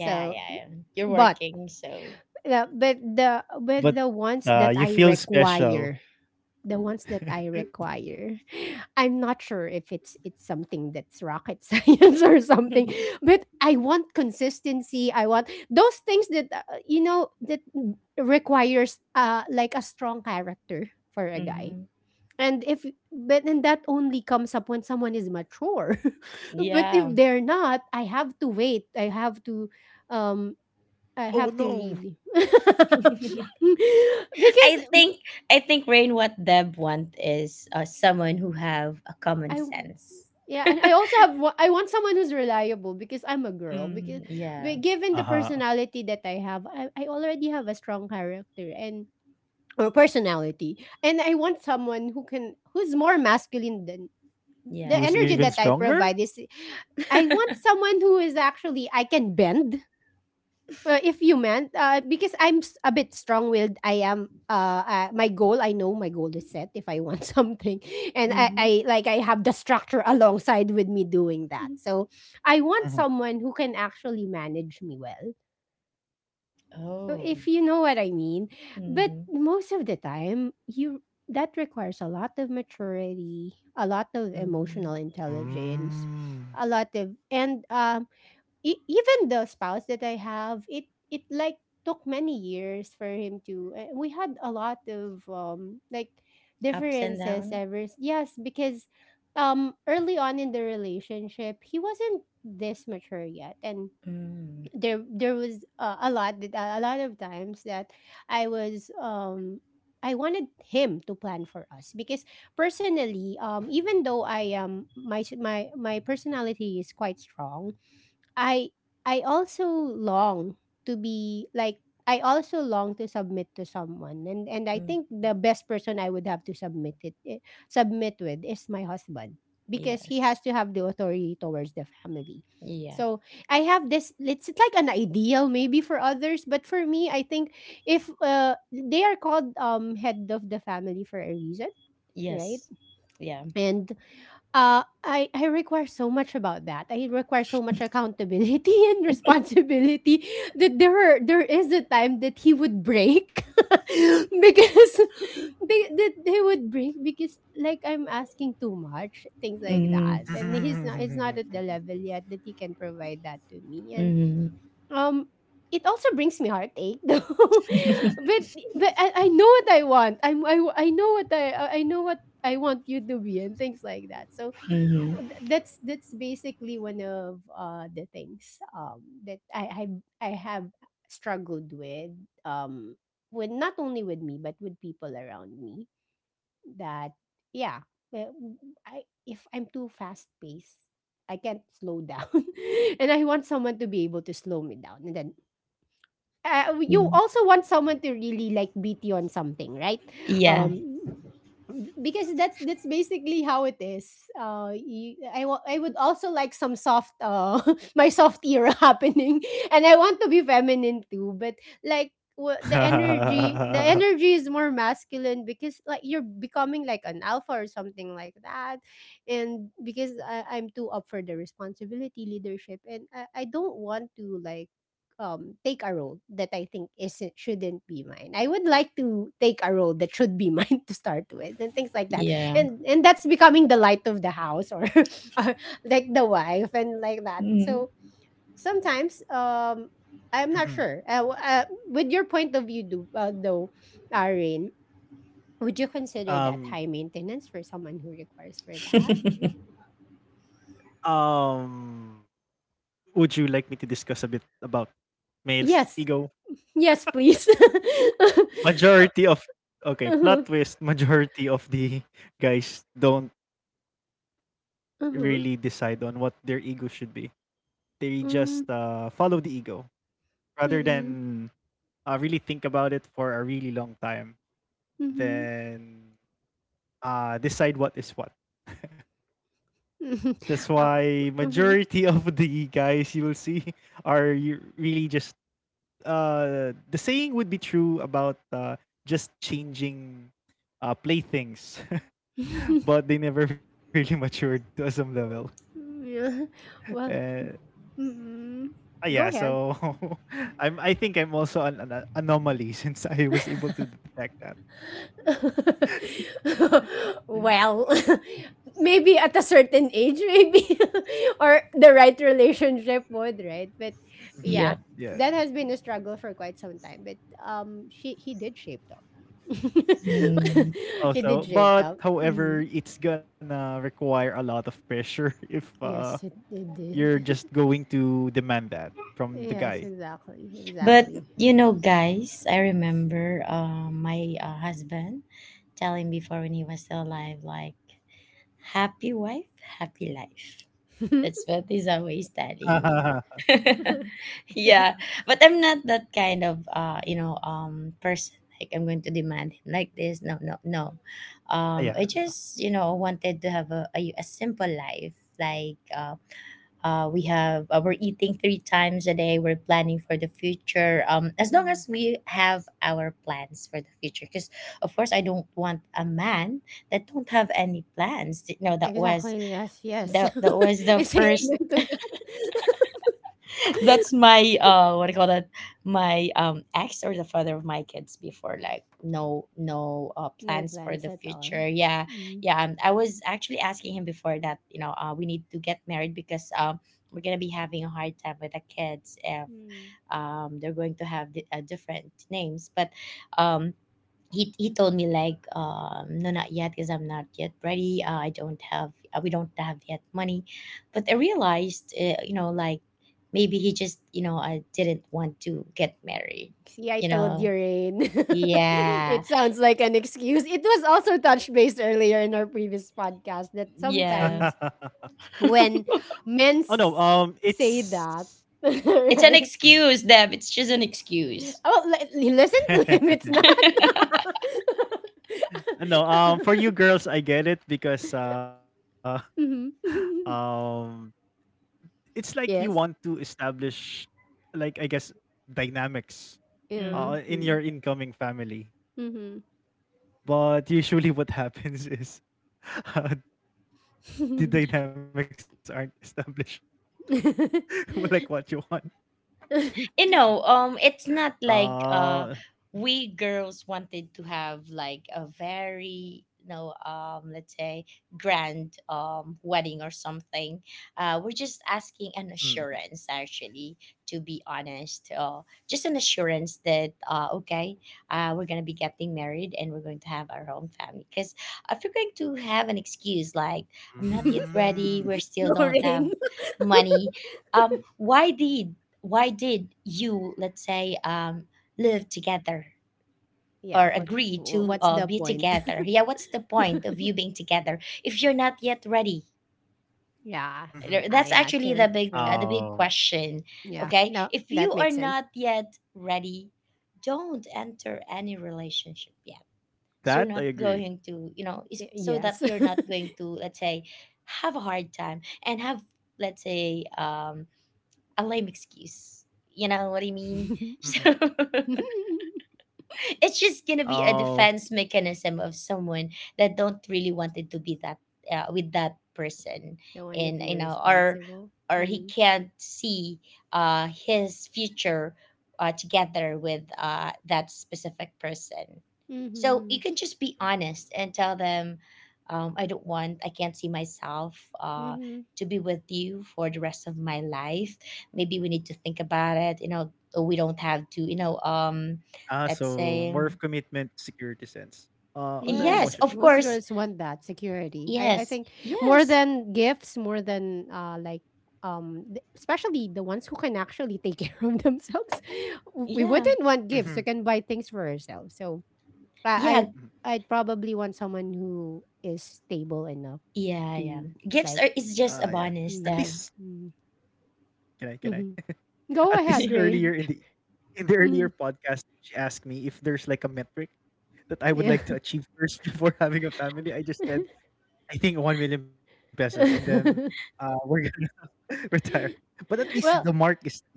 S3: yeah, yeah. You're
S1: but
S3: working, so
S1: but
S2: But
S1: the ones that
S2: you
S1: I
S2: feel special.
S1: require, the ones that I require, I'm not sure if it's something that's rocket science or something. But I want consistency. I want those things that you know that requires like a strong character for a guy
S3: Hmm.
S1: and if but and that only comes up when someone is mature. But
S3: Yeah.
S1: if they're not, I have to wait. Um I have
S2: Oh,
S1: to
S2: no.
S1: really because
S3: I think I think Rain, what Deb want is, someone who have a common
S1: I
S3: sense.
S1: yeah, and I also I want someone who's reliable because I'm a girl because
S3: Mm, yeah.
S1: but given the
S2: Uh-huh.
S1: personality that I have, I already have a strong character and or personality and I want someone who can who's more masculine than the
S3: Yeah.
S1: energy
S2: Who's
S1: that
S2: even
S1: I provide is
S2: stronger?
S1: I want someone who is actually I can bend. If you meant because a bit strong-willed, I am. My goal, I know my goal is set. If I want something, and
S3: Hmm.
S1: I like I have the structure alongside with me doing that. So I want
S2: Mhm.
S1: someone who can actually manage me well.
S3: Oh.
S1: If you know what I mean. But
S3: Mm-hmm.
S1: most of the time, you that requires a lot of maturity, a lot of emotional
S3: Mm-hmm.
S1: intelligence, a
S2: Mm.
S1: lot of and e- even the spouse that I have, it like took many years for him to we had a lot of like
S3: Ups and
S1: differences
S3: down.
S1: yes because early on in the relationship he wasn't this mature yet and
S3: Mm,
S1: there was a lot that a lot of times that I was I wanted him to plan for us because personally even though I am my personality is quite strong I I also long to be like I also long to submit to someone and I
S3: mm.
S1: think the best person I would have to submit it eh, submit with is my husband because he
S3: Yes.
S1: has to have the authority towards the family.
S3: Yeah.
S1: So I have this it's like an ideal maybe for others but for me I think if they are called head of the family for a reason, right?
S3: Yes. Yeah.
S1: And I require so much about that. I require so much accountability and responsibility that there is a time that he would break because that he would break because like I'm asking too much things like
S3: Mm-hmm.
S1: that, and he's not it's not at the level yet that he can provide that to me, and
S3: Mm-hmm.
S1: um. It also brings me heartache, though. but but I know what I want. I know what I know what I want you to be and things like that. So
S3: Mm-hmm.
S1: that's basically one of the things that I have struggled um with not only with me but with people around me that yeah well, I if I'm too fast paced I can't slow down and I want someone to be able to slow me down and then you also want someone to really like beat you on something right
S3: Yeah.
S1: um because that's basically how it is. I would also like some soft my soft era happening, and I want to be feminine too. But the energy is more masculine because like you're becoming like an alpha or something like that, and because I'm too up for the responsibility leadership, and I don't want to like take a role that I think isn't shouldn't be mine. I would like to take a role that should be mine to start with and things like that.
S3: Yeah.
S1: And that's becoming the light of the house or, or like the wife and like that.
S3: Mm-hmm.
S1: So sometimes I'm not sure. With
S2: Mhm.
S1: your point of view, Irene, would you consider that high maintenance for someone who
S2: um,
S1: requires for that?
S2: um, would you like me to discuss a bit
S1: Yes,
S2: about
S1: yes,
S2: male's
S1: please.
S2: ego?
S1: Uh-huh. Uh-huh.
S2: Majority of Okay, plot twist: majority of the guys don't really decide on what their ego should be, they
S1: Mm-hmm.
S2: just follow the ego rather
S1: Mm-hmm.
S2: than really think about it for a really long time, then decide what is what.
S1: Mhm.
S2: That's
S1: Ow.
S2: why
S1: Mhm.
S2: majority of the guys you will see are really just the saying would be true about just changing playthings, but they never really matured to some level.
S1: Yeah. Well,
S2: Uh,
S1: mm,
S2: ah, yeah,
S1: go ahead.
S2: so I think I'm also an anomaly since I was able to detect that.
S1: Well, maybe at a certain age, maybe, or the right relationship would, right? But
S2: Mhm.
S1: yeah,
S3: yeah.
S2: Yes.
S1: that has been a struggle for quite some time. But she he did shape up. He did
S2: Also,
S1: shape up.
S2: but
S1: Mm.
S2: however, it's gonna require a lot of pressure if
S1: Yes, it
S2: you're
S1: did.
S2: just going to demand that from the
S1: Yes,
S2: guy.
S1: exactly,
S3: But
S1: exactly.
S3: you know, guys, I remember my husband telling before when he was still alive, like, happy wife, happy life. That's what he's always telling me. yeah, but I'm not that kind of person. Like I'm going to demand him like this. No, no, no. I
S2: Yeah.
S3: just wanted to have a simple life, like, we're eating three times a day. We're planning for the future, as long as
S1: Mhm.
S3: we have our plans for the future, because of course I don't want a man that don't have any plans. that was
S1: Exactly, yes, yes.
S3: that, that was the
S1: I say
S3: first.
S1: amen to that.
S3: That's my, what do you call that, my, ex, or the father of my kids before, like, no, no,
S1: No
S3: plans for
S1: plans
S3: the
S1: at
S3: future,
S1: all.
S3: yeah.
S1: Mm.
S3: Yeah, I was actually asking him before that, you know, we need to get married because, we're gonna be having a hard time with the kids if,
S1: Mm.
S3: they're going to have different names. But, um he told me like, no, not yet, because I'm not yet ready. I don't have, we don't have yet money. But I realized, you know, like, maybe he just, you know, I didn't want to get married,
S1: See, I
S3: you
S1: told you,
S3: know.
S1: Rain. It
S3: Yeah.
S1: sounds like an excuse. It was also touch base earlier in our previous podcast that
S3: Yeah.
S1: sometimes when
S2: Oh no,
S1: men s- say
S2: it's
S1: that,
S3: it's an
S2: mm.
S1: right?
S3: excuse, Deb. It's just an excuse.
S1: Oh, listen to him. It's not.
S2: No, for you girls, I get it, because
S1: Mhm.
S2: um it's like you want
S1: yes.
S2: to establish, like I guess, dynamics
S1: Yeah.
S3: Mm.
S2: in your
S1: Hmm.
S2: incoming family.
S1: Mm-hmm.
S2: But usually what happens is uh, the dynamics aren't established like what you want.
S3: You know,
S2: Uh
S3: it's not like, we girls wanted to have like a very, you know, let's say grand, wedding or something. We're just
S2: mm, mhm.
S3: asking an assurance, actually, to be honest. Just an assurance that, okay, we're gonna be getting married and we're going to have our own family. Because if you're going to have an excuse like, I'm not yet
S2: Mm.
S3: ready, we still don't have
S1: Lorraine.
S3: money, why did you, let's say, live together
S1: Yeah,
S3: or agree to,
S1: what's the
S3: be
S1: point?
S3: together? Yeah, what's the point of you being together if you're not yet ready?
S2: Mhm.
S1: yeah. Ah
S3: That's
S1: yeah,
S3: actually
S1: true,
S3: the big uh,
S1: true.
S3: the
S2: Um,
S3: big question.
S1: Yeah.
S3: Okay,
S1: No,
S3: if you
S1: that
S3: are
S1: makes sense.
S3: not yet ready, don't enter any relationship yet, so you're
S2: that I
S3: not
S2: agree.
S3: going to, so that
S1: Yes.
S3: you're not going to, let's say, have a hard time and have, let's say, a lame excuse. You know what I mean?
S2: Mhm.
S3: so, it's just gonna be a
S2: Um,
S3: defense mechanism of someone that don't really wanted to be that with that person,
S1: Don't want to
S3: and,
S1: be
S2: at
S3: or
S1: responsible.
S3: or he
S1: Mm-hmm.
S3: can't see his future, together with that specific person. So
S1: Mm-hmm.
S3: you can just be
S2: mm,
S3: honest
S2: mm.
S3: and tell them, I don't want I can't see myself uh
S1: Mm-hmm.
S3: to be with you for the rest of my life. Maybe we need to think about it. You know, we don't have to,
S2: Ah,
S3: that
S2: so more
S3: same.
S2: of commitment, security sense. On the
S3: Yes,
S1: Yes,
S2: emotional
S3: of
S1: most
S3: course.
S2: level.
S1: girls want that security. I
S3: Yes.
S1: think more
S3: Yes.
S1: than gifts, more than like especially the ones who can actually take care of themselves. We
S3: Yeah.
S1: wouldn't
S2: Mhm,
S1: want gifts. We can buy things for ourselves. So
S2: mhm.
S1: I
S3: Yeah.
S1: I'd probably want someone who is stable enough
S3: Yeah. Yeah.
S1: to
S2: Ah, yeah.
S3: Gifts
S1: like
S3: are is
S2: At
S3: just a
S2: least,
S3: bonus,
S1: mm,
S3: Deb.
S1: mm,
S2: can I,
S1: mhm.
S2: at least
S1: Go
S2: earlier
S1: ahead,
S2: in the
S1: Rain.
S2: earlier
S1: Mm,
S2: podcast, she asked me if there's like a metric that I would like
S1: yeah.
S2: to achieve first before having a family. I just said, I think 1 million pesos, and then we're gonna retire. But at least the
S1: Well,
S2: mark is there.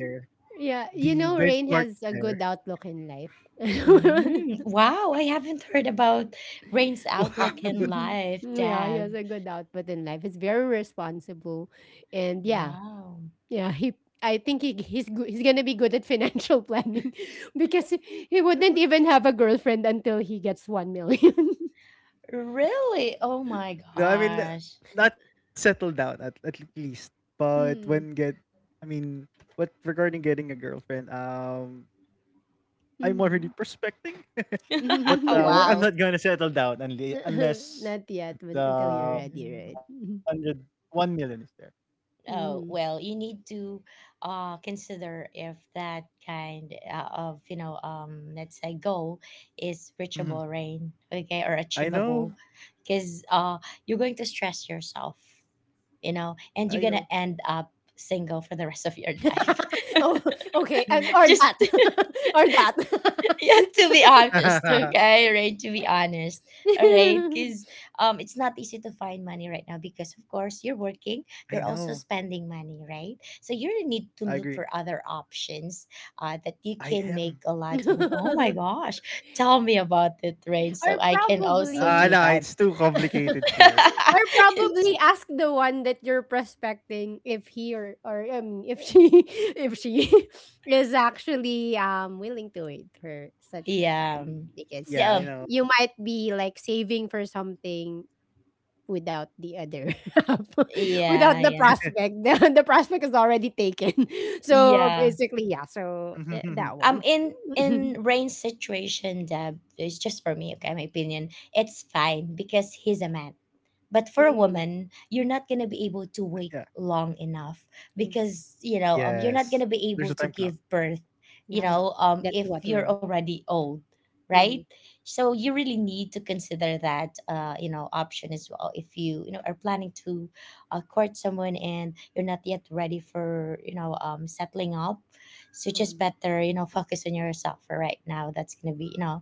S1: yeah,
S2: The
S1: you know,
S2: benchmark
S1: Rain
S2: is
S1: has a
S2: there.
S1: good outlook in life.
S3: Mm, wow, I haven't heard about Rain's
S2: Wow.
S3: outlook in life,
S1: Yeah, he
S3: Deb.
S1: has a good output in life. He's very responsible, and yeah,
S3: Wow.
S1: yeah. I think he's good. He's gonna be good at financial planning because he wouldn't even have a girlfriend until he gets 1,000,000.
S3: Really? Oh my
S2: No, I mean,
S3: gosh.
S2: not settled down at least. But when get,
S1: Mm.
S2: I mean, but regarding getting a girlfriend, I'm already
S1: Mm-hmm.
S2: prospecting. But I'm
S3: wow.
S2: not gonna settle down unless
S1: Not yet, but
S2: the
S1: until you're ready,
S3: Mm.
S1: right?
S2: hundred one million is there.
S3: Oh,
S1: Mm-hmm.
S3: well, you need to, consider if that kind, of, let's say goal is
S2: Mhm.
S3: reachable, Rain, okay, or
S2: I
S3: achievable,
S2: know.
S3: because, you're going to stress yourself,
S2: I know.
S3: and you're going to end up single for the rest of your life.
S1: Oh, okay, and or
S3: Just,
S1: that, or
S3: yeah, to be
S1: that.
S3: honest. Okay. Right. To be honest. All right. Because, it's not easy to find money right now, because of course you're
S2: I
S3: working,
S2: know.
S3: you're also spending money, right? So you really
S2: I
S3: need to
S2: agree.
S3: look for other options, that
S2: I
S3: you can
S2: am.
S3: make a lot of money. Oh my gosh, tell me about it, Rain,
S1: or
S3: so I can also
S2: Ah,
S1: probably
S3: do
S2: no,
S3: that.
S2: it's too complicated here.
S1: or probably ask the one that you're prospecting if he or I mean if she if she is actually willing to wait for such a
S3: yeah,
S1: time
S2: Yeah,
S1: because
S2: I
S3: yeah,
S2: know.
S1: you might be like saving for something without the other
S3: yeah,
S1: without the
S3: yeah,
S1: prospect the prospect is already taken so
S3: yeah,
S1: basically yeah so that one
S3: in in Rain's situation, Deb, it's just for me, okay, my opinion. It's fine because he's a man. But for a
S1: Mm,
S3: woman, you're not gonna be able
S2: Yeah.
S3: to wait long enough,
S1: yes
S3: because, you're
S2: Yes.
S3: not gonna
S2: There's a
S3: be able
S2: time
S3: to
S2: clock.
S3: give birth,
S1: yeah that's
S3: if
S1: what
S3: you're
S1: we're
S3: already old, right?
S1: mhm,
S3: So you really need to consider that, option as well, if you, you know are planning to, court someone and you're not yet ready for, settling up. So just
S1: um,
S3: better, focus on yourself for right now. That's gonna be, you know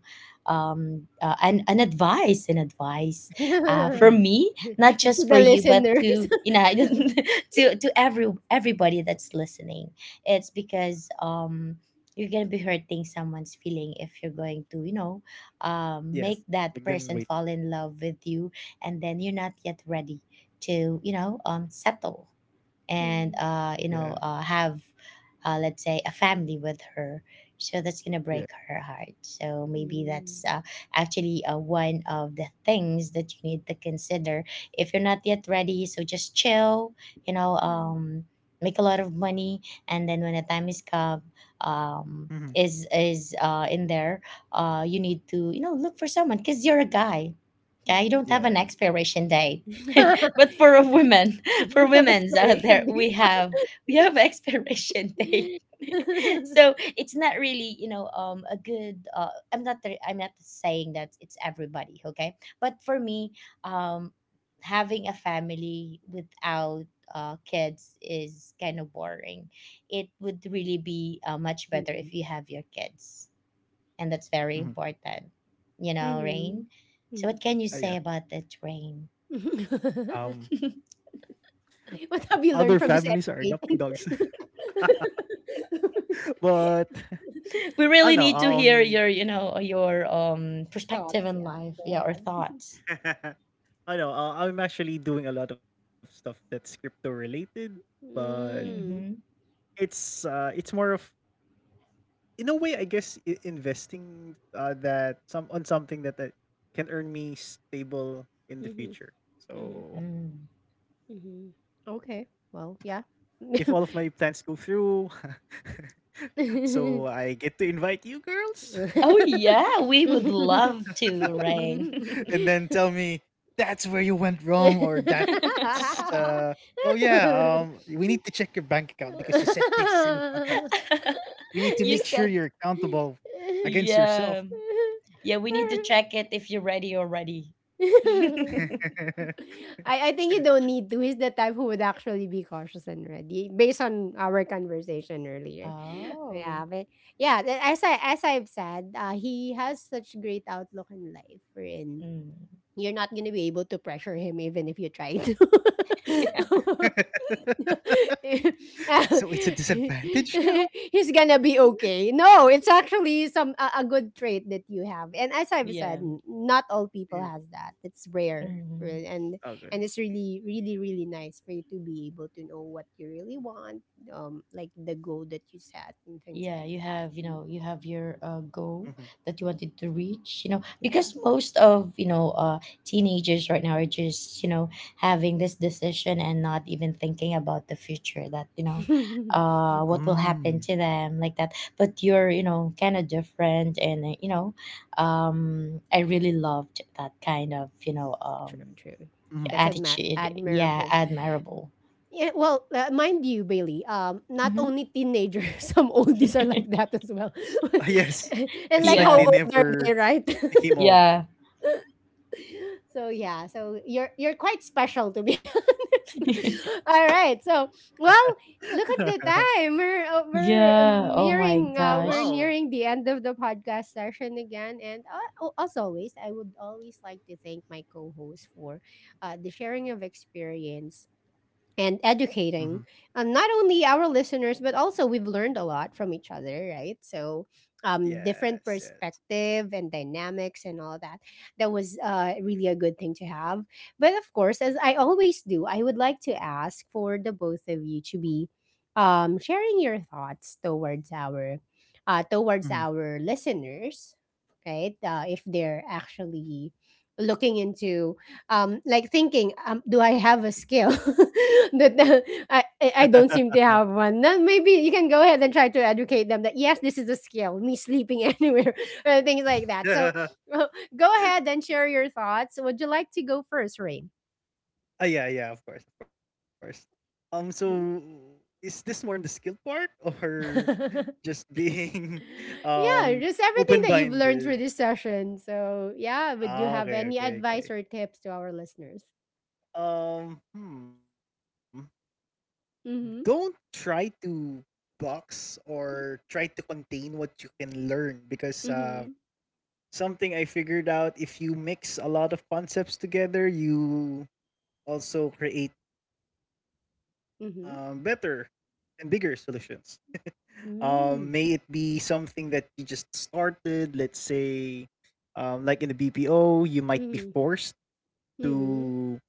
S3: um uh, an advice,
S1: and
S3: from me, not
S1: to
S3: just for
S1: the
S3: you, but
S1: listeners.
S3: to, to everybody that's listening. It's because, you're gonna be hurting someone's feeling if you're going to,
S2: Yes.
S3: make
S2: Make
S3: that
S2: them wait.
S3: person fall in love with you, and then you're not yet ready to, settle, and,
S1: Mm,
S2: Yeah.
S3: have, let's say, a family with her. So that's gonna
S2: Yeah.
S3: break her heart. So maybe that's,
S1: mm,
S3: actually, one of the things that you need to consider if you're not yet ready. So just chill, you know,
S1: mm,
S3: make a lot of money, and then when the time is come, um,
S2: Mhm.
S3: is in there, you need to, look for someone, because you're a guy. I
S1: mm.
S3: don't have an
S2: Yeah.
S3: expiration date, but for a woman, for
S1: We have
S3: women's out
S1: expiration
S3: there, we have, we have expiration date.
S1: date.
S3: so it's not really, a good, I'm not saying that it's everybody, okay, but for me, um having a family without kids is kind of boring. It would really be, much better if
S1: mm,
S3: you have your kids, and that's
S2: Mhm.
S3: very important, you know,
S1: mm,
S3: Rain. So what can
S2: Ah,
S3: you
S2: yeah.
S3: say about that, Rain?
S1: mm.
S2: Um, Other
S1: What have you
S2: families are
S1: learned from this
S2: adopting dogs,
S1: educating?
S2: but
S3: we
S2: I know.
S3: really need to hear your, perspective
S1: Thoughts,
S3: in
S1: yeah.
S3: life,
S1: Go
S3: yeah, or
S1: ahead.
S3: thoughts.
S2: I know. I'm actually doing a lot of stuff that's crypto related, but
S1: Mm.
S3: Mm-hmm.
S2: it's more of, in a way, I guess, investing that some on something that, can earn me stable in the
S1: Mm-hmm.
S2: future.
S1: Mm-hmm.
S2: So
S3: Mm.
S1: Mm-hmm. Okay. Well, yeah.
S2: if all of my plans go through, so I get to invite you girls,
S3: Oh yeah, we would love to, Rain.
S2: and then tell me that's where you went wrong, or that's oh yeah, we need to check your bank account because you said this in the podcast. We need to make
S3: you
S2: sure
S3: said,
S2: you're accountable against yourself.
S3: yeah, yeah. We need to check it if you're ready already.
S1: I think you don't need to. He's the type who would actually be cautious and ready, based on our conversation earlier.
S3: Oh.
S1: Yeah, but yeah, as I've said, he has such great outlook in life. We
S3: Mm.
S1: You're not gonna be able to pressure him even if you try to.
S2: So it's a disadvantage now?
S1: He's gonna be okay. No, it's actually a good trait that you have. And as I've
S3: Yeah.
S1: said, not all
S2: Mhm.
S1: people has that. It's rare.
S3: Hmm.
S1: And
S2: Okay.
S1: it's really, really, really nice for you to be able to know what you really want, like the goal that you set and things
S3: Yeah,
S1: like that. Mm,
S3: you have your,
S2: Mhm.
S3: goal that you wanted to reach, you know, because
S1: yeah.
S3: most of, teenagers right now are just, having this decision and not even thinking about the future that, what will
S2: Mm.
S3: happen to them like that. But you're, you know, kind of different, and, um, I really loved that kind of,
S1: true, true.
S2: Mhm.
S1: That's
S3: attitude. Yeah,
S1: admirable.
S3: admirable.
S1: Yeah, well, mind you, Bailey, not
S3: Mm-hmm.
S1: only teenagers, some oldies are like that as well.
S2: Ah, yes. It's
S1: And
S2: like
S1: like
S2: they
S1: how
S3: Yeah,
S1: old are
S2: never
S1: they, right?
S2: became old.
S3: yeah.
S1: So yeah, so you're quite special to be honest. All right. So, well, look at the time. We're uh, we're
S3: Yeah,
S1: um,
S3: oh my
S2: Wow.
S1: nearing uh, we're
S3: gosh.
S1: nearing the end of the podcast session again and as always, I would always like to thank my co-host for the sharing of experience and
S2: Mhm.
S1: educating, not only our listeners but also we've learned a lot from each other, right? So
S2: Yes,
S1: different
S2: yes.
S1: perspective and dynamics and all that, that was really a good thing to have. But of course, as I always do, I would like to ask for the both of you to be sharing your thoughts towards
S2: Mhm.
S1: our listeners, right? If they're actually looking into like thinking, do I have a skill that I don't seem to have one? Then maybe you can go ahead and try to educate them that yes, this is a skill, me sleeping anywhere, things like that. So uh, go ahead and share your thoughts. Would you like to go first, Rain?
S2: Ah, yeah, yeah, of course, of course. So is this more on the skill part, or
S1: Yeah,
S2: just being um
S1: just everything that you've learned through
S2: open-minded?
S1: this session. So yeah, would you
S2: Ah,
S1: have
S2: okay,
S1: any
S2: okay,
S1: advice
S2: okay.
S1: or tips to our listeners?
S2: Um, hmm. Don't
S1: Mm-hmm.
S2: try to box, or try to contain what you can learn, because
S1: Mm-hmm.
S2: something I figured out: if you mix a lot of concepts together, you also create
S1: Mm-hmm.
S2: better and bigger solutions. May
S1: Mm-hmm.
S2: it be something that you just started, let's say, like in the BPO, you might be
S1: Mm-hmm.
S2: forced
S1: Mm-hmm.
S2: to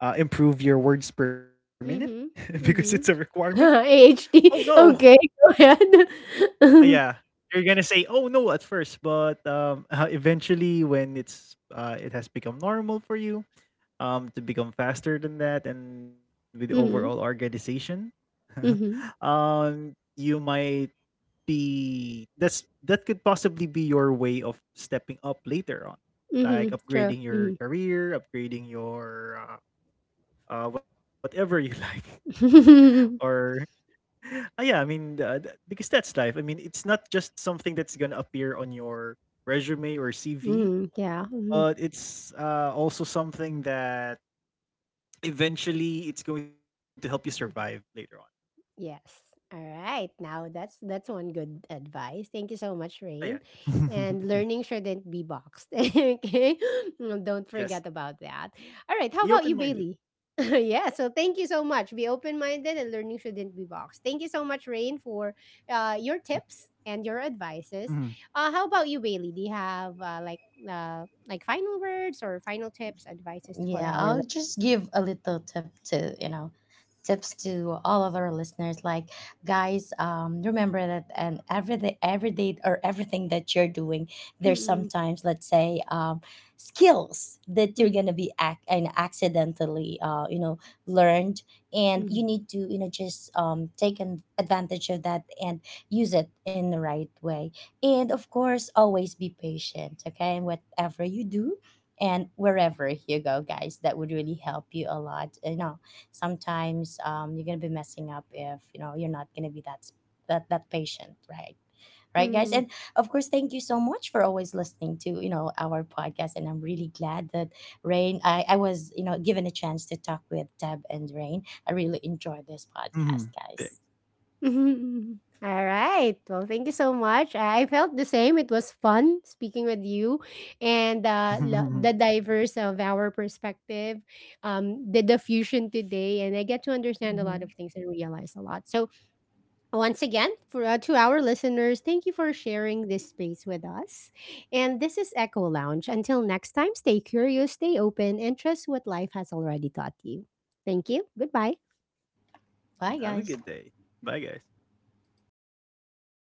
S2: improve your words per minute
S1: Mhm,
S2: because it's a
S1: mhm.
S2: requirement.
S1: A
S2: Oh
S1: H D.
S2: no.
S1: Okay, go ahead.
S2: Yeah. You're gonna say oh no at first, but eventually when it's it has become normal for you to become faster than that, and with overall
S1: Mhm,
S2: organization,
S1: mhm,
S2: you might be that could possibly be your way of stepping up later on,
S1: mhm, mhm.
S2: like
S1: True.
S2: upgrading
S1: Mhm.
S2: your career, upgrading your whatever you like,
S1: Mhm.
S2: or ah, yeah, I mean, because that's life. I mean, it's not just something that's gonna appear on your resume or CV,
S1: Yeah. Mhm.
S2: but it's also something that eventually it's going to help you survive later
S1: Mhm.
S2: on.
S1: Yes. All right. Now that's one good advice. Thank you so much,
S2: Ah, yeah,
S1: Rain. And learning shouldn't be boxed. Okay. Mm, don't
S2: yes,
S1: forget about that. All right. How
S2: be
S1: about you,
S2: open minded.
S1: Bailey? Yeah. So thank you so much. Be open minded, and learning shouldn't be boxed. Thank you so much, Rain, for your tips and your
S2: Mhm,
S1: advices. How about you, Bailey? Do you have like final words or final tips, advices for
S3: Yeah,
S1: our listeners?
S3: I'll just give a little tip to, tips to all of our listeners. Like, guys, remember that, and every day, or everything that you're doing, there's
S1: Mm-mm,
S3: sometimes, let's say, skills that you're
S1: mm-hmm,
S3: gonna be ac- and accidentally, learned, and
S1: mm-hmm,
S3: you need to, just take an advantage of that and use it in the right way. And of course, always be patient. Okay, and whatever you do and wherever you go, guys, that would really help you a lot. You know, sometimes, you're gonna be messing up if, you're not gonna be that s- that that patient, right? Right, guys?
S1: mm-hmm.
S3: And of course, thank you so much for always listening to, our podcast. And I'm really glad that, Rain, I was, given a chance to talk with Deb and Rain. I really enjoyed this
S2: mhm. Thanks.
S3: podcast, guys.
S1: Mhm, mhm. Alright. Well, thank you so much. I felt the same. It was fun speaking with you and the diverse of our perspective, the diffusion today. And I get to understand a lot
S3: Hmm.
S1: of things and realize a lot. So, once again, for, to our listeners, thank you for sharing this space with us. And this is Echo Lounge. Until next time, stay curious, stay open, and trust what life has already taught you. Thank you. Goodbye.
S3: Bye,
S2: Have a
S3: guys.
S2: good day. Bye, guys.